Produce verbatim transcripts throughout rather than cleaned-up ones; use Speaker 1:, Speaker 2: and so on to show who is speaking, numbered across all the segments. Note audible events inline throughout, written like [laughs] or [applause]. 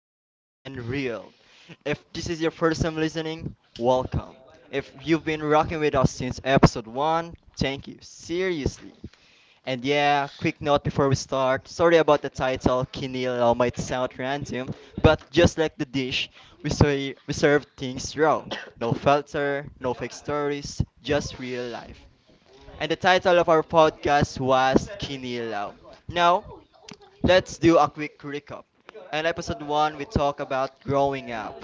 Speaker 1: honest, and real. If this is your first time listening, welcome. If you've been rocking with us since episode one, thank you, seriously. And yeah, quick note before we start, sorry about the title. Kinilaw might sound random, but just like the dish, we, say, we serve things raw. No filter, no fake stories, just real life, and the title of our podcast was Kinilaw. Now, let's do a quick recap. In episode one, we talk about growing up,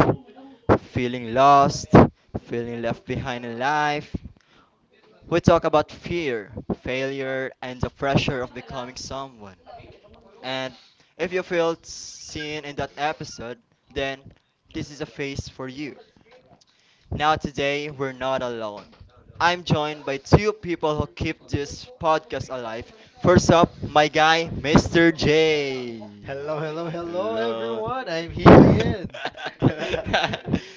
Speaker 1: feeling lost, feeling left behind in life. We talk about fear, failure, and the pressure of becoming someone. And if you felt seen in that episode, then this is a phase for you. Now, today, we're not alone. I'm joined by two people who keep this podcast alive. First up, my guy, mister J.
Speaker 2: Hello, hello, hello,
Speaker 1: Hello.
Speaker 2: everyone. I'm here again.
Speaker 1: [laughs]
Speaker 2: [laughs]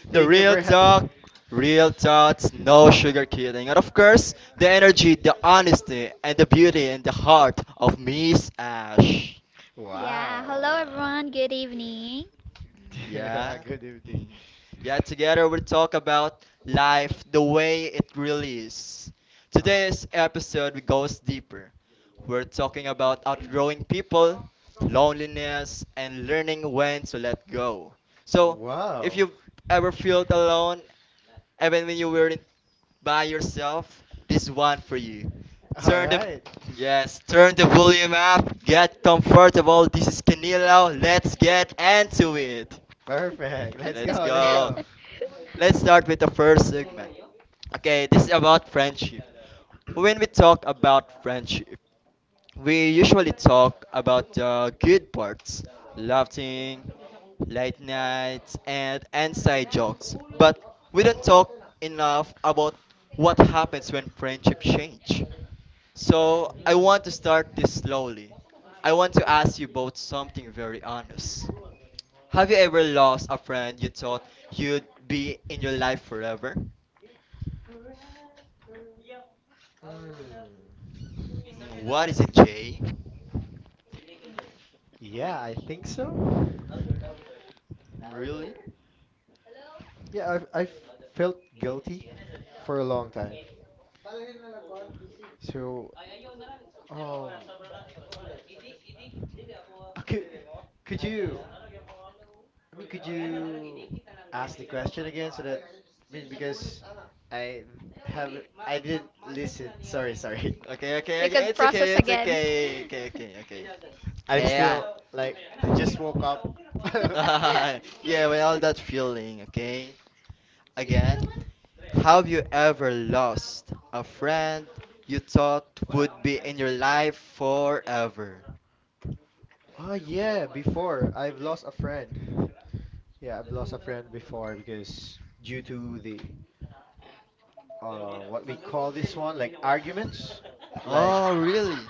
Speaker 1: The
Speaker 2: Thank you
Speaker 1: real
Speaker 2: for. Ha-
Speaker 1: talk, real thoughts, no sugar kidding. And of course,
Speaker 2: Yeah.
Speaker 1: the energy, the honesty, and the beauty and the heart of Miss Ash.
Speaker 3: Yeah, wow.
Speaker 2: Wow.
Speaker 3: Hello
Speaker 1: Wow.
Speaker 3: everyone, good evening.
Speaker 1: Yeah.
Speaker 2: [laughs] Good evening.
Speaker 1: Mhm. Yeah, together we talk about life the way it really is.
Speaker 2: Oh.
Speaker 1: Today's episode goes deeper. We're talking about outgrowing people, loneliness, and learning when to let go. So, if
Speaker 2: Wow.
Speaker 1: you've ever felt alone, even when you weren't by yourself, this one for you.
Speaker 2: All
Speaker 1: Turn the
Speaker 2: right.
Speaker 1: Yes, turn the volume up, get comfortable. This is Canilo. Let's get into it.
Speaker 3: [laughs]
Speaker 2: Perfect. Let's
Speaker 1: Let's
Speaker 2: go. Let's
Speaker 1: go.
Speaker 2: go.
Speaker 3: [laughs]
Speaker 1: Let's start with the first segment. Okay, this is about friendship. When we talk about friendship, we usually talk about the good parts, laughing, late nights, and inside jokes, but we don't talk enough about what happens when friendships change. So I
Speaker 2: Mm.
Speaker 1: want to start this slowly. I want to ask you both something very honest. Have you ever lost a friend you thought you'd be in your life forever?
Speaker 2: Mm.
Speaker 1: Mm, What is it, Jay?
Speaker 2: Yeah, I think so.
Speaker 1: Really?
Speaker 2: Yeah, I've I've felt guilty for a long time. So, um, Uh, Could, could you, I mean, could you ask the question again so that, I mean, because I have, I didn't listen. Sorry, sorry.
Speaker 1: Okay,
Speaker 3: Okay, okay,
Speaker 1: okay,
Speaker 3: we
Speaker 1: okay.
Speaker 3: could okay, it's
Speaker 1: It's okay.
Speaker 3: process
Speaker 1: It's
Speaker 3: okay, it's again.
Speaker 1: okay. Okay,
Speaker 3: Okay,
Speaker 1: okay, okay.
Speaker 2: [laughs] I'm
Speaker 1: Yeah.
Speaker 2: still like, I just woke
Speaker 3: okay,
Speaker 2: up.
Speaker 1: [laughs]
Speaker 3: okay.
Speaker 2: [laughs]
Speaker 3: [laughs] [laughs]
Speaker 1: Yeah,
Speaker 3: Yeah,
Speaker 1: with all
Speaker 3: well,
Speaker 1: that
Speaker 3: that's
Speaker 1: feeling,
Speaker 3: okay.
Speaker 1: okay? Again, have you ever lost a friend you thought would be in your life forever?
Speaker 2: Oh, yeah, before I've lost a friend. Yeah, I've lost a friend before because due to the, uh, what we call this one, like arguments, like,
Speaker 1: Oh, really?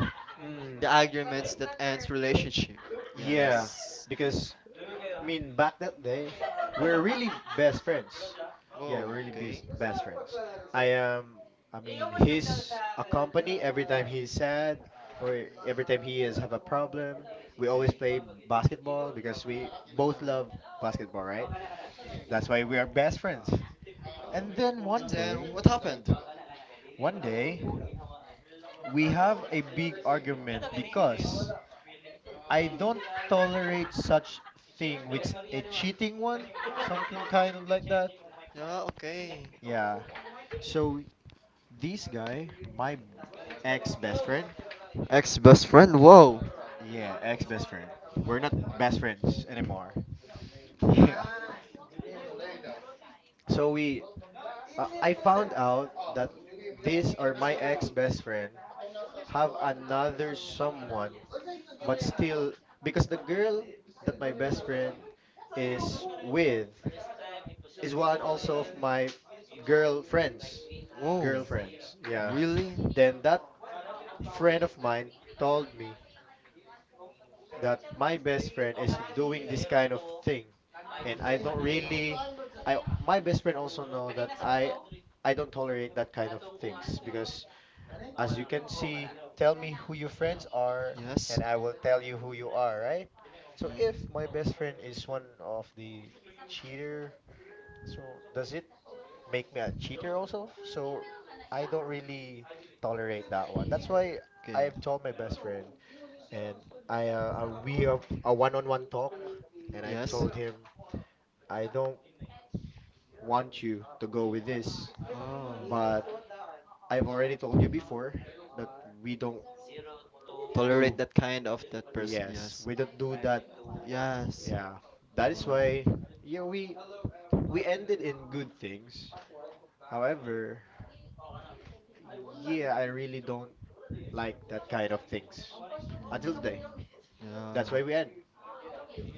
Speaker 1: The
Speaker 2: mm,
Speaker 1: arguments that ends relationship.
Speaker 2: yeah,
Speaker 1: Yes.
Speaker 2: because I mean, back that day, we're really best friends. Yeah, we're
Speaker 1: Whoa,
Speaker 2: really
Speaker 1: okay.
Speaker 2: bes- best friends. I am, I mean, his a company every time he's sad or every time
Speaker 1: Mm,
Speaker 2: he is have a problem. We always
Speaker 1: okay.
Speaker 2: play basketball because we both love
Speaker 1: Oh.
Speaker 2: basketball, right? That's why we are best friends. And then
Speaker 1: And
Speaker 2: one
Speaker 1: then
Speaker 2: day,
Speaker 1: what happened?
Speaker 2: one day, we have a big argument because I don't tolerate such thing which a cheating one, something kind of like that.
Speaker 1: Yeah, okay.
Speaker 2: Yeah. So this guy, my ex best friend.
Speaker 1: Ex best friend, whoa.
Speaker 2: Yeah, ex best friend. We're not best friends anymore. [laughs] Yeah. So we, uh, I found out that this or my ex best friend have another someone, but still because the girl that my best friend is with is one also of my girlfriends,
Speaker 1: Whoa,
Speaker 2: girlfriends. Yeah.
Speaker 1: really? Mm-mm.
Speaker 2: Then that friend of mine told me that my best friend is doing this kind of thing, and I don't really. I my best friend also know that I I don't tolerate that kind of things, because as you can see, tell me who your friends are
Speaker 1: Yes.
Speaker 2: and I will tell you who you are, right? So if my
Speaker 1: Mm.
Speaker 2: best friend is one of the cheater, so does it make me a cheater also? So I don't really tolerate that one, that's why
Speaker 1: Okay.
Speaker 2: I've told my best friend. And I uh, uh, we have a one-on-one talk, and I've
Speaker 1: Yes.
Speaker 2: told him I don't want you to go with this,
Speaker 1: Oh.
Speaker 2: but I've already told you before that we don't do.
Speaker 1: Tolerate that kind of that person.
Speaker 2: Yes,
Speaker 1: Yes.
Speaker 2: we don't do that.
Speaker 1: Yes.
Speaker 2: Yeah, that is
Speaker 1: Oh.
Speaker 2: why, yeah, we we ended in good things. However, yeah, I really don't like that kind of things until today.
Speaker 1: Mm. Yeah.
Speaker 2: That's why we end.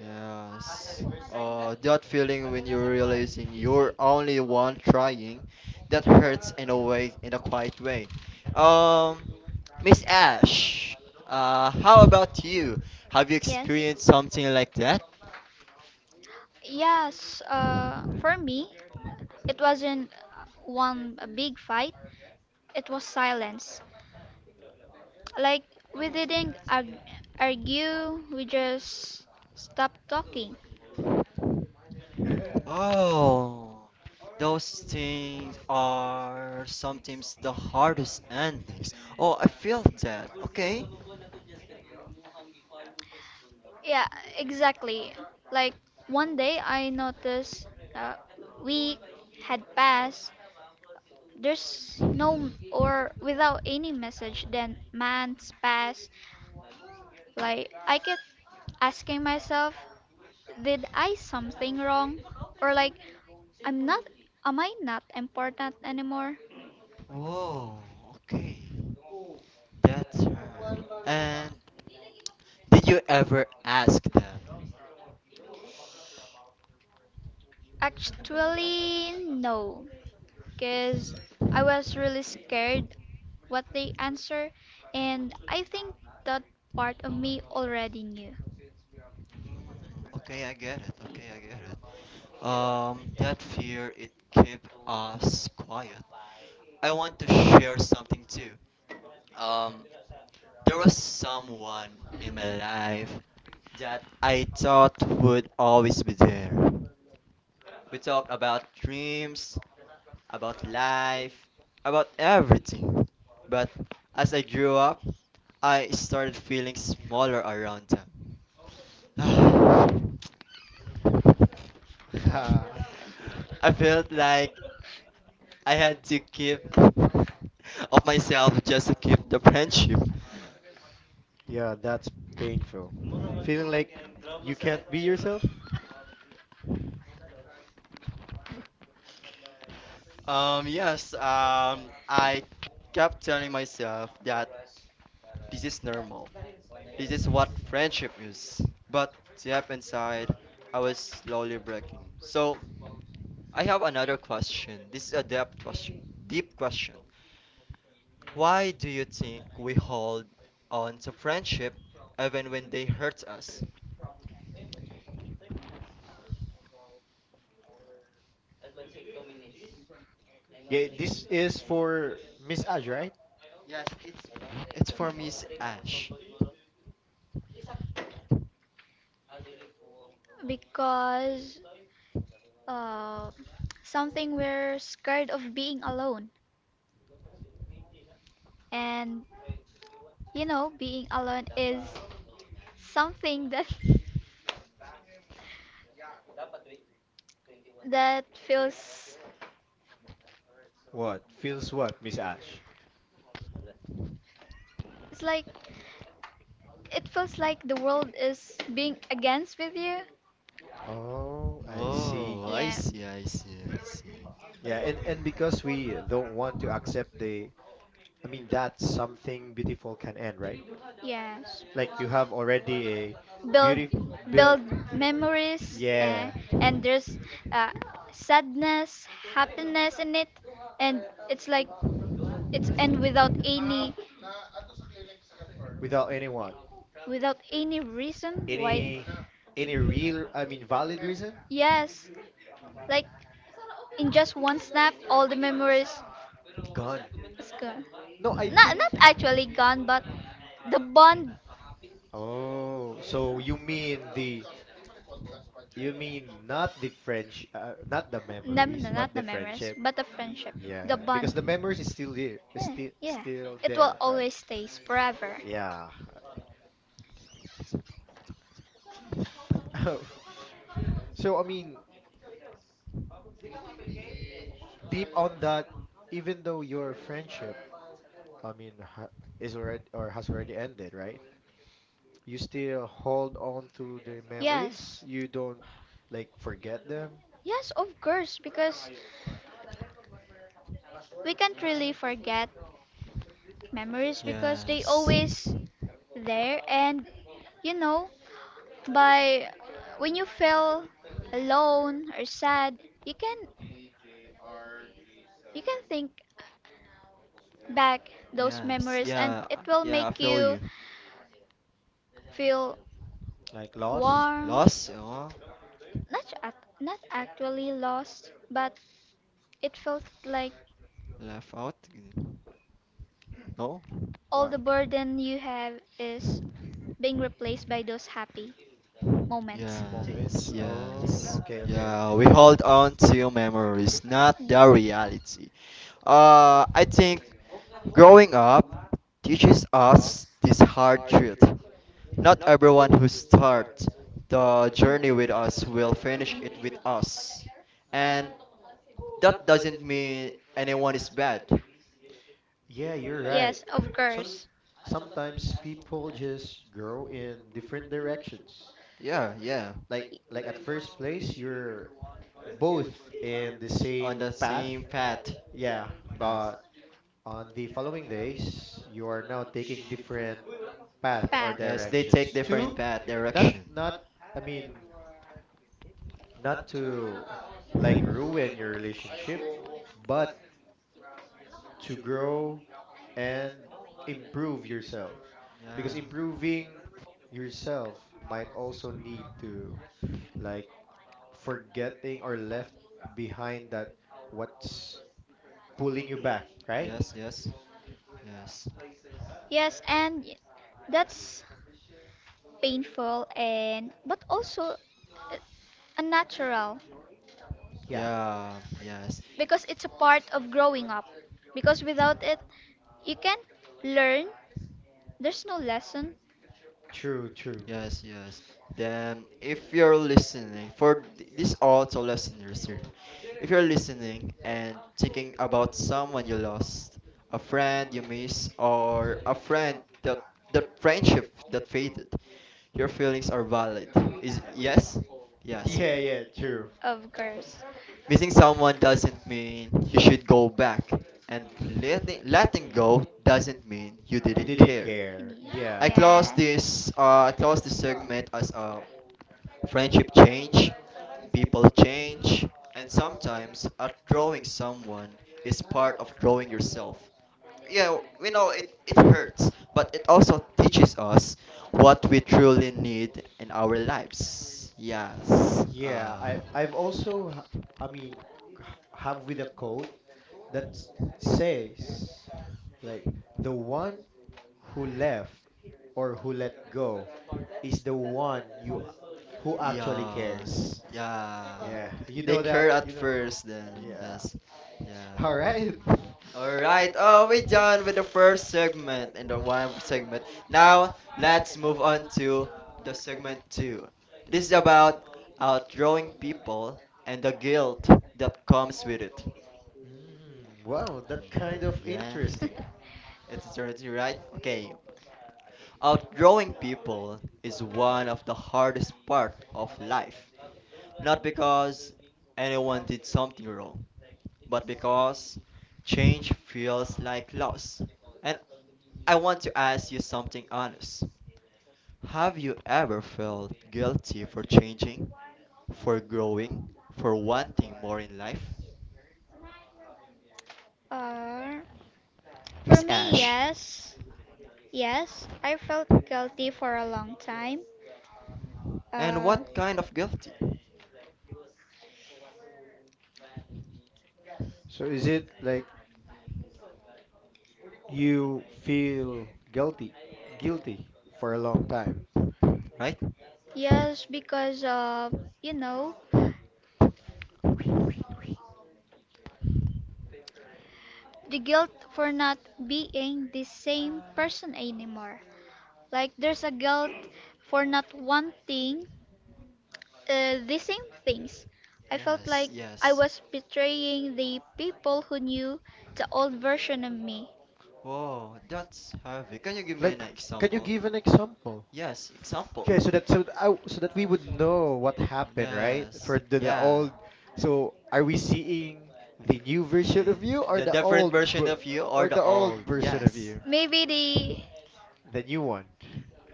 Speaker 1: Yes. Uh, that feeling when you're realizing you're only one trying, that hurts in a way, in a quiet way. Um, Miss Ash, uh, how about you? Have you
Speaker 3: Yes,
Speaker 1: experienced something like that?
Speaker 3: yes, uh, for me, it wasn't uh, one a big fight, it was silence. Like, we didn't arg- argue, we just stopped talking.
Speaker 1: Oh, those things are sometimes the hardest endings. Oh, I feel that. Okay.
Speaker 3: Yeah, exactly. Like one day I noticed uh, we had passed. There's no m- or Without any message. Then months pass. Like I kept asking myself, did I something wrong? Or like I'm not. Am I not important anymore?
Speaker 1: Whoa. Okay. That's hard. And did you ever ask them?
Speaker 3: Actually, no, because I was really scared what they answer, and I think that part of me already knew,
Speaker 1: Mm, okay, I get it. Okay, I get it. Um, that fear it kept us quiet. I want to share something too. Um, there was someone in my life that I thought would always be there. We talked about dreams, about life, about everything. But as I grew up, I started feeling smaller around them. [sighs]
Speaker 2: [laughs]
Speaker 1: I felt like I had to keep [laughs] of myself just to keep the friendship.
Speaker 2: Yeah, that's painful. Feeling like you can't be yourself?
Speaker 1: Um, yes, um, I kept telling myself that this is normal. This is what friendship is. But deep inside, I was slowly breaking. So I have another question. This is a depth question, deep question. Why do you think we hold on to friendship even when they hurt us?
Speaker 2: Giving her the- Yeah, this is for Miss Ash, right?
Speaker 1: It's for Miss Ash.
Speaker 3: because uh, something we're scared of being alone, and you know being alone is something that [laughs] that feels,
Speaker 2: What? Feels what, Miss Ash?
Speaker 3: it's like it feels like the world is being against with you.
Speaker 2: Oh, I see.
Speaker 1: Oh, I
Speaker 3: Yeah.
Speaker 1: see, I see, I see.
Speaker 2: Yeah, and and because we don't want to accept the I mean that something beautiful can end, right?
Speaker 3: Yes.
Speaker 2: Like you have already a
Speaker 3: build
Speaker 2: beauty built,
Speaker 3: Build memories,
Speaker 2: yeah,
Speaker 3: and, and there's uh, sadness, happiness in it, and it's like it's and without any,
Speaker 2: without anyone.
Speaker 3: without any reason why.
Speaker 2: Any any real I mean valid reason?
Speaker 3: Yes, like in just one snap all the memories
Speaker 2: Gone.
Speaker 3: is gone.
Speaker 2: No, I
Speaker 3: not
Speaker 2: think.
Speaker 3: not actually gone, but the bond.
Speaker 2: Oh, so you mean the you mean not the French, uh, not the
Speaker 3: No,
Speaker 2: memories,
Speaker 3: no,
Speaker 2: but
Speaker 3: not the
Speaker 2: the
Speaker 3: memories,
Speaker 2: friendship.
Speaker 3: but the friendship,
Speaker 2: Yeah,
Speaker 3: the
Speaker 2: yeah, because
Speaker 3: bond.
Speaker 2: the memories is still there,
Speaker 3: Yeah,
Speaker 2: still
Speaker 3: yeah.
Speaker 2: still
Speaker 3: It will
Speaker 2: there, right?
Speaker 3: always stays forever.
Speaker 2: Yeah. [laughs] So I mean, deep on that, even though your friendship, I mean, ha is already or has already ended, right? You still hold on to the memories.
Speaker 3: Yes.
Speaker 2: You don't like forget them,
Speaker 3: Yes, of course, because we can't really forget memories because they
Speaker 1: Yes,
Speaker 3: always there, and you know, by when you feel alone or sad, you can you can think back those
Speaker 1: yes,
Speaker 3: memories and
Speaker 1: yeah,
Speaker 3: it
Speaker 1: I-
Speaker 3: will
Speaker 1: yeah, I
Speaker 3: make
Speaker 1: feel
Speaker 3: you
Speaker 1: you.
Speaker 3: feel
Speaker 2: like lost.
Speaker 3: warm. Not,
Speaker 1: Lost, oh,
Speaker 3: ac- not actually lost, but it felt like
Speaker 1: left out, no?
Speaker 3: all the
Speaker 2: What?
Speaker 3: burden you have is being replaced by those happy moments.
Speaker 1: Yes,
Speaker 2: Moments. Oh,
Speaker 1: yes.
Speaker 2: okay, okay.
Speaker 1: Yeah, we hold on to memories, not the reality. Uh, I think growing up teaches us this hard truth. Not everyone who starts the journey with us will finish it with us. And that doesn't mean anyone is bad.
Speaker 2: Yeah, you're right.
Speaker 3: Yes, of
Speaker 2: Some
Speaker 3: course.
Speaker 2: sometimes people just grow in different directions.
Speaker 1: Yeah, yeah.
Speaker 2: Like
Speaker 3: Y-
Speaker 2: like at first place, you're both in the
Speaker 1: On
Speaker 2: same
Speaker 1: the
Speaker 2: path.
Speaker 1: same path.
Speaker 2: Yeah,
Speaker 1: Yes.
Speaker 2: but on the following days, you are now taking different path or
Speaker 3: Path.
Speaker 1: Yes, they take
Speaker 2: directions. Two,
Speaker 1: different path
Speaker 2: not
Speaker 1: direction.
Speaker 2: not I mean, not to like ruin your relationship, but to grow and improve yourself, because
Speaker 1: Yeah.
Speaker 2: improving yourself might also need to like forgetting or left behind that what's pulling you back, right?
Speaker 1: Yes, yes. Yes.
Speaker 3: Yes, and y- that's painful and but also uh, unnatural,
Speaker 2: Yeah,
Speaker 1: Yeah, yes.
Speaker 3: because it's a part of growing up. Because without it, you can't learn. There's no lesson,
Speaker 2: true, true.
Speaker 1: Yes, yes. Then if you're listening for th- these also listeners here. If you're listening and thinking about someone you lost, a friend you miss or a friend that that friendship that faded, your feelings are valid. Is yes? Yes.
Speaker 2: Yeah, yeah, true.
Speaker 3: of course.
Speaker 1: Missing someone doesn't mean you should go back, and letting letting go doesn't mean you
Speaker 2: You
Speaker 1: didn't
Speaker 2: didn't
Speaker 1: care.
Speaker 2: care, yeah.
Speaker 1: I close this uh, I close this segment as a friendship change, people change, and sometimes outgrowing someone is part of growing yourself. Yeah, we know it, it hurts, but it also teaches us what we truly need in our lives. Yes.
Speaker 2: Yeah, i
Speaker 1: Uh,
Speaker 2: i've also h- I mean h- have with a quote that s- says like the one who left or who let go is the one you who actually
Speaker 1: yeah.
Speaker 2: cares.
Speaker 1: Yeah.
Speaker 2: Yeah, you
Speaker 1: They
Speaker 2: know that.
Speaker 1: care at
Speaker 2: You know.
Speaker 1: first, then
Speaker 2: Yeah.
Speaker 1: yes. Yeah.
Speaker 2: [laughs] All right.
Speaker 1: All right. Oh, we done with the first segment and the one segment. Now let's move on to the segment two. This is about outgrowing people and the guilt that comes with it.
Speaker 2: Mm, wow, that kind of
Speaker 1: Yeah,
Speaker 2: interesting.
Speaker 1: it's already right. Okay. Outgrowing people is one of the hardest part of life. Not because anyone did something wrong, but because change feels like loss. And I want to ask you something honest. Have you ever felt guilty for changing, for growing, for wanting more in life?
Speaker 3: Uh,
Speaker 1: Miss
Speaker 3: for me,
Speaker 1: Ash,
Speaker 3: yes. Yes, I felt guilty for a long time.
Speaker 1: and
Speaker 3: And
Speaker 1: what kind of
Speaker 3: Uh,
Speaker 1: guilty?
Speaker 2: So is it like you feel guilty, guilty for a long time?
Speaker 1: Right?
Speaker 3: yes, because of, you know,
Speaker 2: Wait, wait, wait.
Speaker 3: the guilt for not being the same person anymore. Like, there's a guilt for not wanting uh, the same things. I felt
Speaker 1: Yes,
Speaker 3: like I
Speaker 1: yes.
Speaker 3: was betraying the people who knew the old version of me.
Speaker 1: Whoa, that's heavy. Can you give me an
Speaker 2: Like, can you
Speaker 1: example?
Speaker 2: give an example?
Speaker 1: Yes, example.
Speaker 2: Okay, so that so th- I, so that we would know what happened, right?
Speaker 1: Yes,
Speaker 2: For the, the
Speaker 1: yeah.
Speaker 2: old. So are we seeing the new version
Speaker 1: Yeah.
Speaker 2: of you or
Speaker 1: The
Speaker 2: the
Speaker 1: different
Speaker 2: old
Speaker 1: version
Speaker 2: ver-
Speaker 1: of you
Speaker 2: or
Speaker 1: or the
Speaker 2: the old
Speaker 1: old?
Speaker 2: version of
Speaker 1: Yes,
Speaker 2: you?
Speaker 3: Maybe the,
Speaker 2: The new one.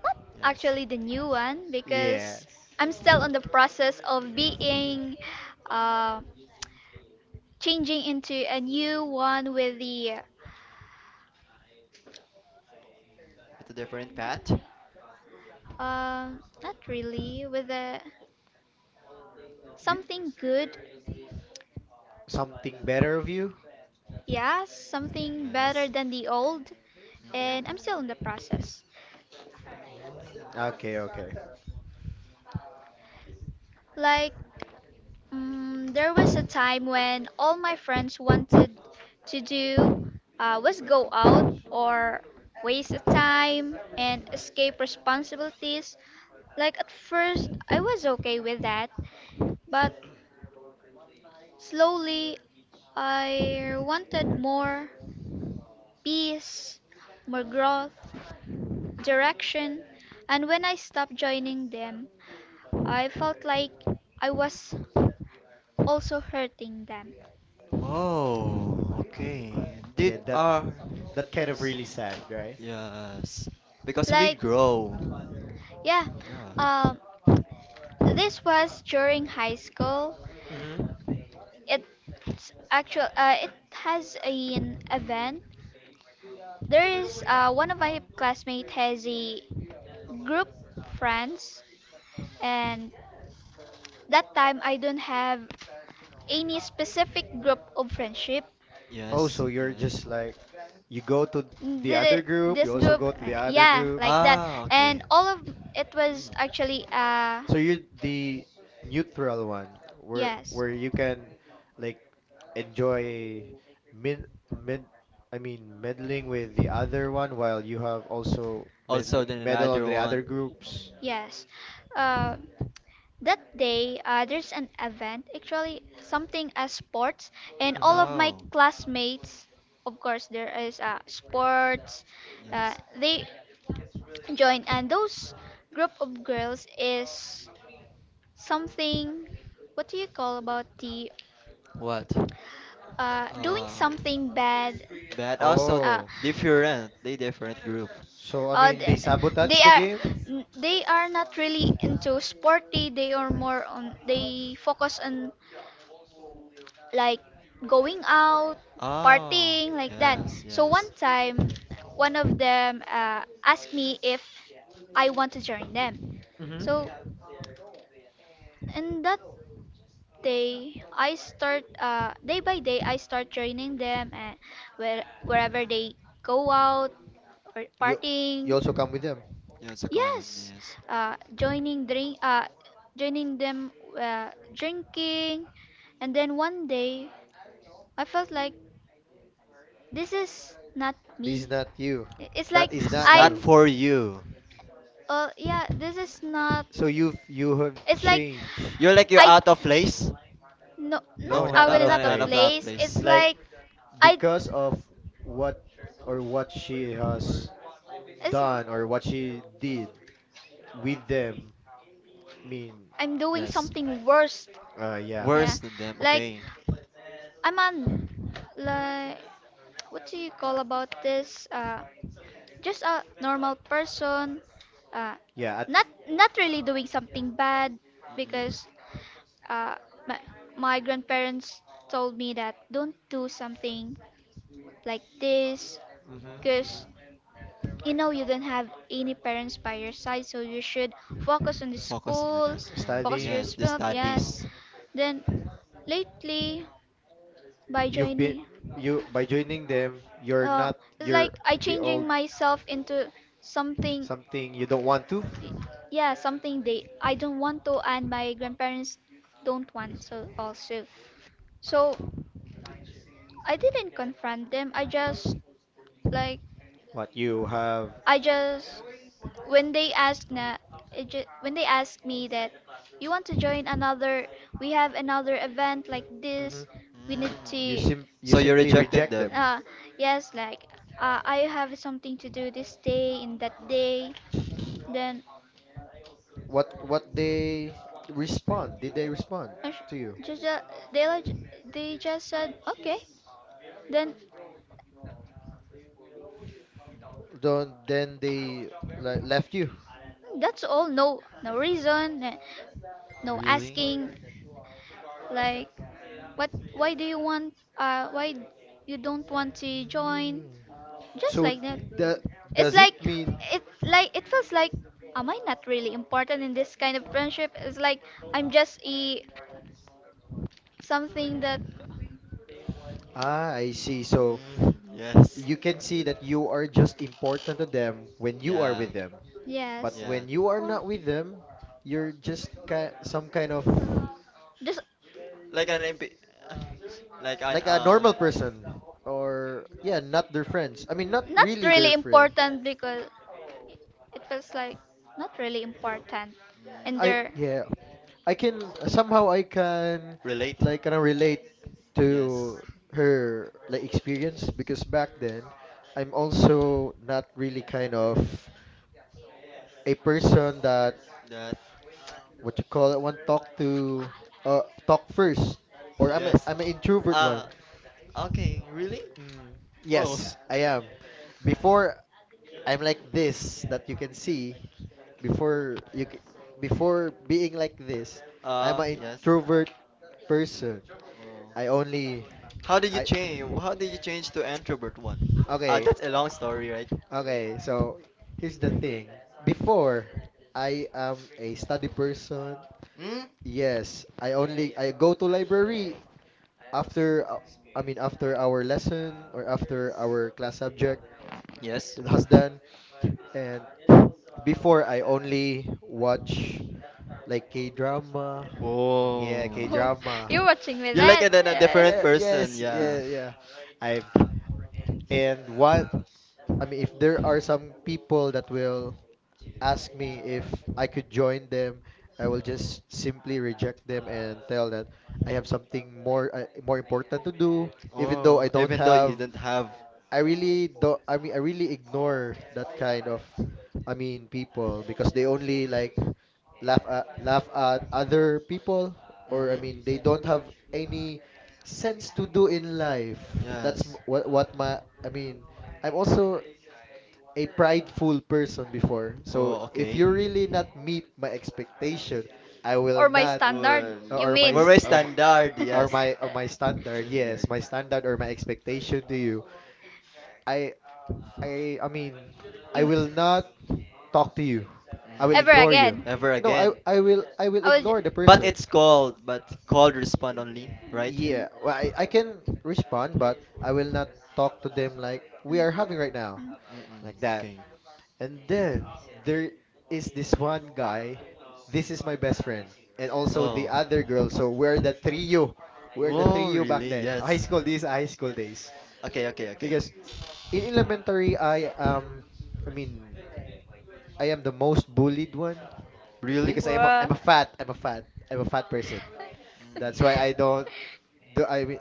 Speaker 3: not
Speaker 1: yes.
Speaker 3: actually the new one, because
Speaker 2: Yes.
Speaker 3: I'm still on the process of being uh, changing into a new one with the,
Speaker 1: With a different path?
Speaker 3: um not really with the,
Speaker 2: We,
Speaker 3: something good.
Speaker 2: something better of you?
Speaker 3: Yeah, something better
Speaker 1: Yes.
Speaker 3: than the old,
Speaker 1: Mm-mm.
Speaker 3: and I'm still in the process.
Speaker 2: Mm, okay, okay.
Speaker 3: Like, mm there was a time when all my friends wanted to do uh, was go out or waste of time and escape responsibilities. Like at first, I was okay with that, but slowly I wanted more peace, more growth, direction, and when I stopped joining them, I felt like I was also hurting them.
Speaker 1: Wow, okay. Did
Speaker 2: Yeah, that
Speaker 1: our
Speaker 2: that kind of really sad, right?
Speaker 1: Yes. Because we
Speaker 3: Like,
Speaker 1: grow.
Speaker 3: yeah,
Speaker 1: Yeah.
Speaker 3: um, this was during high school.
Speaker 2: Mm-hmm.
Speaker 3: It's actual. Uh, it has an event. There is uh, one of my classmates has a group friends, and that time I don't have any specific group of friendship.
Speaker 2: Oh,
Speaker 1: Yes,
Speaker 2: so you're
Speaker 1: yes.
Speaker 2: just like you go to the other
Speaker 3: Th-
Speaker 2: group,
Speaker 3: this
Speaker 2: you also
Speaker 3: group,
Speaker 2: go to the
Speaker 3: uh,
Speaker 2: other
Speaker 3: yeah,
Speaker 2: group.
Speaker 3: like that,
Speaker 1: Ah, okay.
Speaker 3: and all of it was
Speaker 1: Mm.
Speaker 3: actually uh,
Speaker 2: So you're the neutral one where
Speaker 3: yes,
Speaker 2: where you can like enjoy mid mid I mean meddling with the other one while you have also
Speaker 1: Also
Speaker 2: med
Speaker 1: then
Speaker 2: meddle on
Speaker 1: another
Speaker 2: the other
Speaker 1: one.
Speaker 2: groups.
Speaker 1: Mm.
Speaker 3: yes. Uh, That day uh, there's an event, actually something as sports, and all
Speaker 2: Mm-hmm.
Speaker 3: of my
Speaker 1: Oh,
Speaker 3: classmates, of course, there is uh, sports. Uh,
Speaker 1: yes.
Speaker 3: they join, and those group of girls is something. What do you call about the
Speaker 1: What?
Speaker 3: uh, doing
Speaker 1: Um
Speaker 3: something bad?
Speaker 1: but also
Speaker 3: Uh,
Speaker 2: Oh.
Speaker 1: different, they different group.
Speaker 2: So I
Speaker 3: uh,
Speaker 2: mean they
Speaker 3: th-
Speaker 2: sabotage
Speaker 3: they
Speaker 2: the
Speaker 3: are
Speaker 2: game?
Speaker 3: n- they are not really into sporty. They are more on, they focus on like going out,
Speaker 1: Oh,
Speaker 3: partying, like that.
Speaker 1: yes,
Speaker 3: So one
Speaker 1: yes.
Speaker 3: time, one of them uh, asked me if I want to join them.
Speaker 2: Mm-hmm.
Speaker 3: So, and that day, I start uh, day by day, I start joining them and where wherever they go out or
Speaker 2: You
Speaker 3: partying.
Speaker 2: you also come with them.
Speaker 1: Yeah, it's a comment,
Speaker 3: Yes,
Speaker 1: yes.
Speaker 3: uh, joining drink, uh, joining them, uh, drinking, and then one day, I felt like, this is not
Speaker 2: This is
Speaker 3: me.
Speaker 2: not you.
Speaker 3: I- It's
Speaker 2: That
Speaker 3: like
Speaker 2: is
Speaker 1: This
Speaker 2: not
Speaker 1: is not
Speaker 3: I'm.
Speaker 2: you.
Speaker 1: for you.
Speaker 3: Uh, yeah. This is not.
Speaker 2: So you've you have
Speaker 3: It's like
Speaker 2: changed.
Speaker 1: You're like you're
Speaker 3: I.
Speaker 1: out of place.
Speaker 3: No,
Speaker 2: No,
Speaker 3: not
Speaker 1: No,
Speaker 2: not
Speaker 3: I
Speaker 2: out
Speaker 1: not
Speaker 3: will
Speaker 2: of
Speaker 3: not
Speaker 1: any
Speaker 3: a
Speaker 1: out of
Speaker 2: place.
Speaker 1: that
Speaker 3: place.
Speaker 1: place.
Speaker 3: It's
Speaker 2: Like
Speaker 3: like I.
Speaker 2: because of what or what she has
Speaker 3: It's
Speaker 2: done or what she did with them. I mean,
Speaker 3: I'm doing
Speaker 1: Yes.
Speaker 3: something worse.
Speaker 2: uh yeah,
Speaker 3: Yeah,
Speaker 1: Worse than them,
Speaker 3: like
Speaker 1: okay.
Speaker 3: I'm on, like, what do you call about this? Uh, just a normal person. Uh,
Speaker 2: yeah at
Speaker 3: not not really doing something bad,
Speaker 1: Mm-mm.
Speaker 3: because Uh, my, my grandparents told me that don't do something like this,
Speaker 2: mm-hmm, hmm.
Speaker 3: because you know you don't have any parents by your side, so you should focus on the
Speaker 1: Focusing on
Speaker 3: school,
Speaker 1: yourself.
Speaker 3: focus
Speaker 2: Studying.
Speaker 1: Yes, the
Speaker 3: yourself. Yes.
Speaker 1: studies.
Speaker 3: Then lately, by
Speaker 2: you've been
Speaker 3: joining,
Speaker 2: you by joining them you're
Speaker 3: uh,
Speaker 2: not
Speaker 3: it's
Speaker 2: you're
Speaker 3: like I
Speaker 2: the old,
Speaker 3: changing myself into something,
Speaker 2: something you don't want to,
Speaker 3: yeah, something they I don't want to, and my grandparents don't want so also, so I didn't confront them. I just like,
Speaker 2: what you have,
Speaker 3: I just when they asked na, it ju- when they asked me that, you want to join another, we have another event like
Speaker 2: hmm.
Speaker 3: this, we need
Speaker 2: you
Speaker 3: to.
Speaker 1: Mm.
Speaker 2: sim you
Speaker 1: So you
Speaker 2: simply
Speaker 1: rejected
Speaker 2: reject them.
Speaker 1: them.
Speaker 3: uh yes, like uh, I have something to do this day in that day. Then
Speaker 2: What what they respond? Did they respond
Speaker 3: I sh-
Speaker 2: to you?
Speaker 3: just, uh, they like they just said okay. Then
Speaker 2: Then then they le left you.
Speaker 3: that's all, no no reason, eh, no
Speaker 1: Really?
Speaker 3: asking. Like, what? Why do you want? Uh, why you don't want to join?
Speaker 2: Mm.
Speaker 3: Just
Speaker 2: So
Speaker 3: like that.
Speaker 2: the
Speaker 3: It's
Speaker 2: does it
Speaker 3: like
Speaker 2: mean,
Speaker 3: it like it feels like, am I not really important in this kind of friendship? It's like I'm just a something that,
Speaker 2: ah, I see. So
Speaker 1: Mm, yes.
Speaker 2: you can see that you are just important to them when you are
Speaker 1: Yeah.
Speaker 2: with them. But
Speaker 3: yes,
Speaker 1: Yeah.
Speaker 2: when you are not with them, you're just ki some kind of
Speaker 3: just
Speaker 1: Like an M P. [laughs] Like an
Speaker 2: like a
Speaker 1: uh.
Speaker 2: normal person or yeah, not their friends. I mean, not
Speaker 3: not
Speaker 2: really their
Speaker 3: really
Speaker 2: friend.
Speaker 3: important because it feels like not really important, and
Speaker 1: Mm,
Speaker 2: I
Speaker 3: there.
Speaker 2: yeah, I can somehow I can
Speaker 1: relate.
Speaker 2: like kind of relate to
Speaker 1: Yes.
Speaker 2: her like experience, because back then I'm also not really kind of a person that
Speaker 1: That
Speaker 2: [tsk] what you call it one talk to uh talk first,
Speaker 1: [laughs]
Speaker 2: or I'm a,
Speaker 1: yes.
Speaker 2: I'm an introvert one.
Speaker 1: Uh okay, really?
Speaker 2: Mm,
Speaker 1: Whoa.
Speaker 2: yes, I am. Before I'm like this that you can see, before you c- before being like this, I'm
Speaker 1: Uh
Speaker 2: an
Speaker 1: yes.
Speaker 2: introvert person.
Speaker 1: Oh.
Speaker 2: I only
Speaker 1: How did you
Speaker 2: I
Speaker 1: change? How did you change to introvert one? Uh
Speaker 2: okay,
Speaker 1: that's a long story, right?
Speaker 2: okay. So here's the thing. Before I am a study person.
Speaker 1: Hmm?
Speaker 2: Yes, I only I go to library after uh, I mean after our lesson or after our class subject
Speaker 1: Yes.
Speaker 2: has done, and before I only watch like K-drama. Yeah,
Speaker 3: [laughs]
Speaker 1: Whoa.
Speaker 3: Oh,
Speaker 2: K-drama.
Speaker 3: you're watching me,
Speaker 1: You're like a,
Speaker 3: that.
Speaker 1: a
Speaker 3: Yeah.
Speaker 1: different
Speaker 2: Yeah,
Speaker 1: person,
Speaker 2: yes,
Speaker 1: yeah.
Speaker 2: yeah, yeah. I'm and one I mean, if there are some people that will ask me if I could join them, I will just simply reject them and tell that I have something more uh, more important to do, even though I
Speaker 1: Oh,
Speaker 2: don't
Speaker 1: even though you
Speaker 2: have.
Speaker 1: didn't have.
Speaker 2: I really don't. I mean, I really ignore that kind of, I mean, people because they only like laugh at laugh at other people, or I
Speaker 1: Mm-mm.
Speaker 2: mean, they don't have any sense to do in life. That's m-
Speaker 1: Yes.
Speaker 2: what what my. I mean, I'm also a prideful person before. So
Speaker 1: Oh,
Speaker 2: if
Speaker 1: okay.
Speaker 2: you really not meet my expectation, I will not
Speaker 1: Well,
Speaker 2: or my s-
Speaker 1: very
Speaker 2: or, m-
Speaker 1: standard,
Speaker 2: or
Speaker 1: yes.
Speaker 2: my or my standard. Yes,
Speaker 1: Standard.
Speaker 2: my standard or my expectation to you. I I I mean, I will not talk to you. I will
Speaker 1: Mm.
Speaker 2: ignore you.
Speaker 1: Ever
Speaker 2: No, I
Speaker 1: again.
Speaker 2: I will I will ignore the
Speaker 1: But
Speaker 2: person.
Speaker 1: it's called, but called respond only, right?
Speaker 2: Yeah, well, I I can respond, but I will not talk to them like we are having right now, like
Speaker 1: Mm-mm.
Speaker 2: that.
Speaker 1: Okay.
Speaker 2: And then there is this one guy. This is my best friend. And also the
Speaker 1: Oh.
Speaker 2: other girl. So we're the trio. We're the
Speaker 1: Oh,
Speaker 2: trio back
Speaker 1: really?
Speaker 2: then. [laughs] High
Speaker 1: Yes.
Speaker 2: school days, high school days.
Speaker 1: Okay, okay, okay.
Speaker 2: Because in elementary, I um, I mean, I am the most bullied one.
Speaker 1: Really?
Speaker 2: Because I am a, I'm a fat. I'm a fat. I'm a fat person. That's why I don't
Speaker 3: [laughs]
Speaker 2: do. I mean,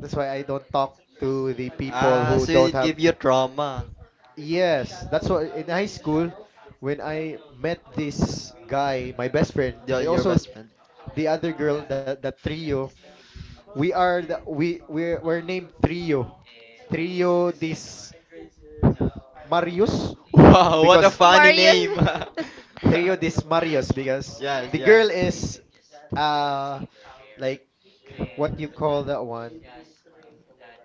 Speaker 2: that's why I don't talk to the people
Speaker 1: Ah,
Speaker 2: who
Speaker 1: so
Speaker 2: don't
Speaker 1: it
Speaker 2: have.
Speaker 1: give you trauma.
Speaker 2: Yes, that's what in high school when I met this guy, my best friend,
Speaker 1: Your,
Speaker 2: and
Speaker 1: your
Speaker 2: also
Speaker 1: best friend.
Speaker 2: the other girl, that that trio. We are the we we're, we're named trio. Trio this Marius
Speaker 1: Wow, what a
Speaker 2: because
Speaker 1: funny
Speaker 3: [laughs]
Speaker 1: name.
Speaker 3: [laughs]
Speaker 2: trio this Marius
Speaker 1: [laughs]
Speaker 2: because
Speaker 1: Yes,
Speaker 2: the
Speaker 1: yeah.
Speaker 2: girl is uh like what you call that one?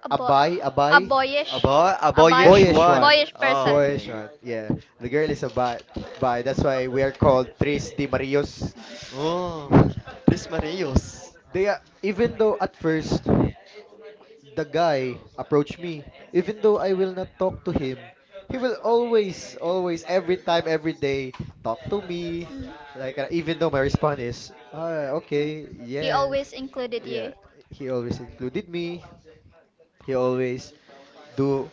Speaker 2: Abay, abay.
Speaker 1: About about
Speaker 2: Boyish one.
Speaker 1: Yeshwan. Oh,
Speaker 2: Boyish
Speaker 1: okay.
Speaker 2: one. Yeah. The girl is a bi. bi. That's why we are called Tres de Marios.
Speaker 1: Oh,
Speaker 2: Mm.
Speaker 1: Tres Mareos.
Speaker 2: They are, even though at first the guy approached me, even though I will not talk to him, he will always, always, every time, every day, talk to me. Like uh, even though my response is, ah, okay, yes,
Speaker 3: Included
Speaker 2: yeah.
Speaker 3: you.
Speaker 2: He always included me. He always do.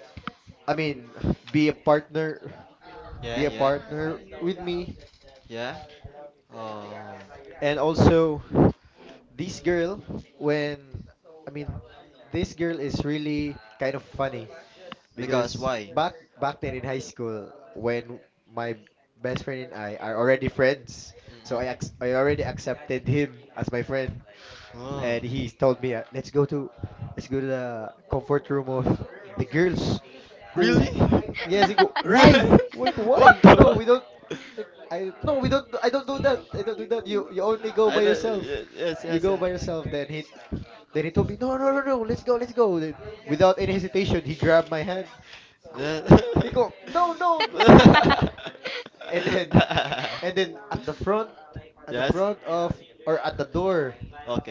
Speaker 2: I mean, [sighs] be a partner.
Speaker 1: Yeah,
Speaker 2: Be a
Speaker 1: yeah,
Speaker 2: partner with me.
Speaker 1: yeah. Oh,
Speaker 2: And also, this girl, when I mean, this girl is really kind of funny
Speaker 1: because
Speaker 2: because
Speaker 1: why?
Speaker 2: back back then in high school, when my best friend and I are already friends, so I ac- I already accepted him as my friend.
Speaker 1: Hmm. Oh,
Speaker 2: And he told me, uh, "Let's go to, let's go to the comfort room of the girls." Go,
Speaker 1: really?
Speaker 2: yes, he go.
Speaker 1: [laughs]
Speaker 2: Why?
Speaker 1: Really?
Speaker 2: Why? Go,
Speaker 1: [laughs] What
Speaker 2: why?
Speaker 1: the
Speaker 2: No, we
Speaker 1: fuck?
Speaker 2: don't. Like, I no, we don't.
Speaker 1: [laughs]
Speaker 2: I don't do that. I don't do that. You you only go
Speaker 1: I
Speaker 2: by
Speaker 1: don't.
Speaker 2: yourself.
Speaker 1: ye- Yes,
Speaker 2: You
Speaker 1: yes,
Speaker 2: go
Speaker 1: yes.
Speaker 2: by yourself. Then he then he told me, "No, no, no, no. Let's go. Let's go." Then without any hesitation, he grabbed my hand. He go,
Speaker 1: [laughs]
Speaker 2: he go. No, no, no.
Speaker 3: [laughs]
Speaker 2: And then and then at the front, at the
Speaker 1: Yes.
Speaker 2: front of, or at the door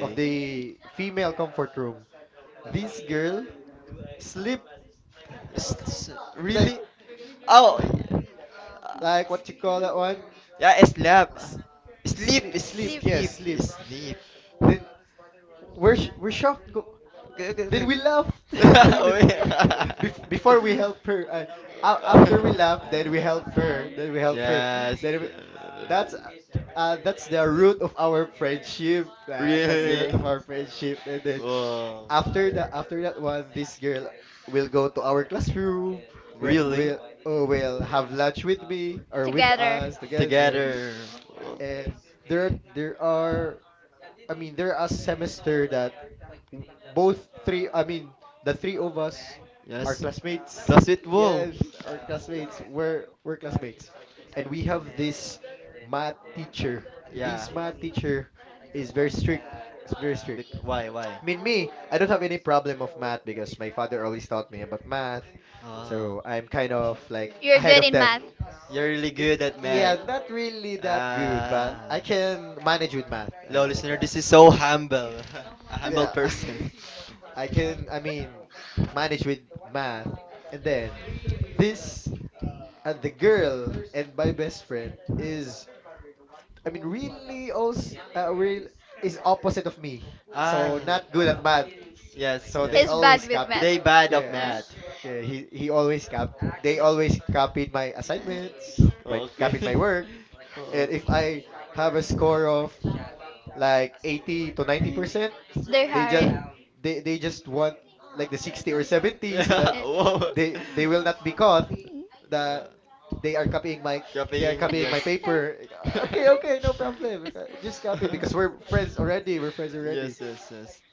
Speaker 2: of the female comfort room, this girl sleep
Speaker 1: It's, it's uh,
Speaker 2: like,
Speaker 1: really. Oh. Yeah.
Speaker 2: [sighs] [laughs] like what you call that one?
Speaker 1: Yeah, it's
Speaker 2: S-
Speaker 1: sleep
Speaker 2: Sleep, sleep, yes,
Speaker 1: sleep
Speaker 3: [laughs]
Speaker 2: sleep.
Speaker 1: sleep.
Speaker 2: Then we're sh- we're shocked.
Speaker 1: Okay, okay,
Speaker 2: Then
Speaker 1: okay.
Speaker 2: we laughed. [laughs]
Speaker 1: [laughs]
Speaker 2: Then
Speaker 1: Oh
Speaker 2: we-
Speaker 1: yeah.
Speaker 2: Bef- before we help her, uh, a- after we laughed, then we help her. Then we
Speaker 1: [laughs]
Speaker 2: help her.
Speaker 1: Yes.
Speaker 2: Then we,
Speaker 1: uh,
Speaker 2: that's uh, uh, That's the root of our friendship. Uh, that's the
Speaker 1: Really?
Speaker 2: root of our friendship. And then
Speaker 1: Wow.
Speaker 2: after the after that one, this girl will go to our classroom. Will
Speaker 1: Really?
Speaker 2: will oh, will have lunch with me or with us together.
Speaker 1: Together. Wow.
Speaker 2: And there are- there are I mean, there are a semester that w- both three, I mean, the three of us are
Speaker 1: Yes.
Speaker 2: classmates.
Speaker 1: CrossFit. Wow.
Speaker 2: Yes, our classmates. We're we're classmates, and we
Speaker 1: Mm,
Speaker 2: have this math teacher. This
Speaker 1: yeah.
Speaker 2: math teacher is very strict. It's very strict.
Speaker 1: Bec- why? Why?
Speaker 2: I mean, me, I don't have any problem of math because my father always taught me about math, so
Speaker 1: Ah.
Speaker 2: I'm kind of like ahead of them.
Speaker 1: You're really good
Speaker 2: Y-
Speaker 1: at math.
Speaker 2: Yeah, not really that good, but
Speaker 1: Ah.
Speaker 2: I can manage with math,
Speaker 1: Hello,
Speaker 2: uh, like
Speaker 1: listener.
Speaker 2: that.
Speaker 1: This is so humble. [laughs] A humble
Speaker 2: Yeah, [laughs]
Speaker 1: person. [laughs]
Speaker 2: I can, I mean, manage with math. And then this, uh, the girl and my best friend is, I mean, really also, uh, real is opposite of me. So
Speaker 1: Ah.
Speaker 2: not good at math.
Speaker 1: Yes,
Speaker 2: So they
Speaker 1: yes.
Speaker 2: always copy.
Speaker 1: They bad of
Speaker 2: Yeah,
Speaker 3: Yeah.
Speaker 1: math.
Speaker 2: yeah. He he always cap. They always copied my assignments,
Speaker 1: Oh,
Speaker 2: my
Speaker 1: okay.
Speaker 2: copied my
Speaker 1: [laughs]
Speaker 2: work. And
Speaker 1: Oh.
Speaker 2: if
Speaker 1: [laughs]
Speaker 2: I have a score of like eighty to ninety percent, they just they they just want like the sixty or
Speaker 3: [laughs]
Speaker 2: seventy
Speaker 1: Yeah.
Speaker 2: so that
Speaker 3: Yeah.
Speaker 1: Whoa.
Speaker 2: they they will not be caught that they are
Speaker 1: Yeah.
Speaker 2: copying my they are
Speaker 1: Copying.
Speaker 2: copying my
Speaker 1: Yes.
Speaker 2: paper.
Speaker 1: [laughs] [laughs]
Speaker 2: Uh, Okay, okay, no problem. Uh, Just copy because we're friends already. We're friends already.
Speaker 1: Yes, yes, yes.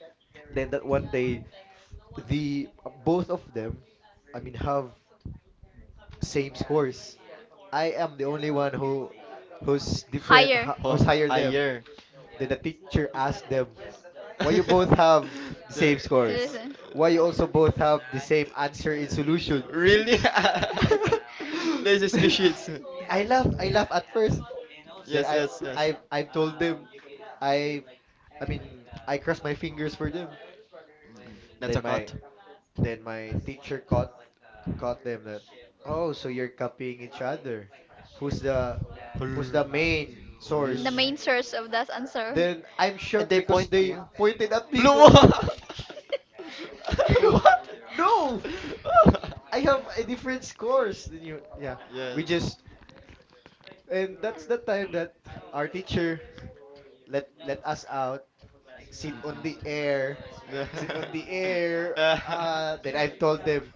Speaker 2: Then that one day the both of them I mean have same scores. I am the only one who who's different ho- who's
Speaker 1: Oh,
Speaker 2: higher them.
Speaker 1: higher.
Speaker 2: Then the teacher asked them, "Why you both
Speaker 1: [laughs]
Speaker 2: have the
Speaker 1: The-
Speaker 2: same scores?
Speaker 3: Seriously.
Speaker 2: Why
Speaker 3: [laughs]
Speaker 2: you also both have the same answer in solution?"
Speaker 1: Really?
Speaker 3: [laughs]
Speaker 1: [laughs] There's a species.
Speaker 2: [laughs] I laughed. I laughed at first. Then
Speaker 1: Yes,
Speaker 2: I,
Speaker 1: yes, yes.
Speaker 2: I've, I've told them. I, I mean, I crossed my fingers for them.
Speaker 1: Mm, that's a
Speaker 2: Then my,
Speaker 1: cat.
Speaker 2: then my teacher caught, caught them that. Oh, so you're copying each other. Who's the, who's the
Speaker 1: Hurr,
Speaker 2: main
Speaker 1: really?
Speaker 2: source? Then I'm
Speaker 1: And
Speaker 2: shocked
Speaker 1: they
Speaker 2: because
Speaker 1: point to
Speaker 2: they
Speaker 1: you.
Speaker 2: pointed at me.
Speaker 1: Blue.
Speaker 2: Go,
Speaker 1: [laughs]
Speaker 2: [laughs] I go,
Speaker 1: What? [laughs]
Speaker 2: no. I have a different scores than you. Yeah,
Speaker 1: Yes.
Speaker 2: we just and that's the time that our teacher let let us out, sit on the air,
Speaker 1: Mm-mm.
Speaker 2: sit
Speaker 1: [laughs]
Speaker 2: on the air. Uh, then I've told them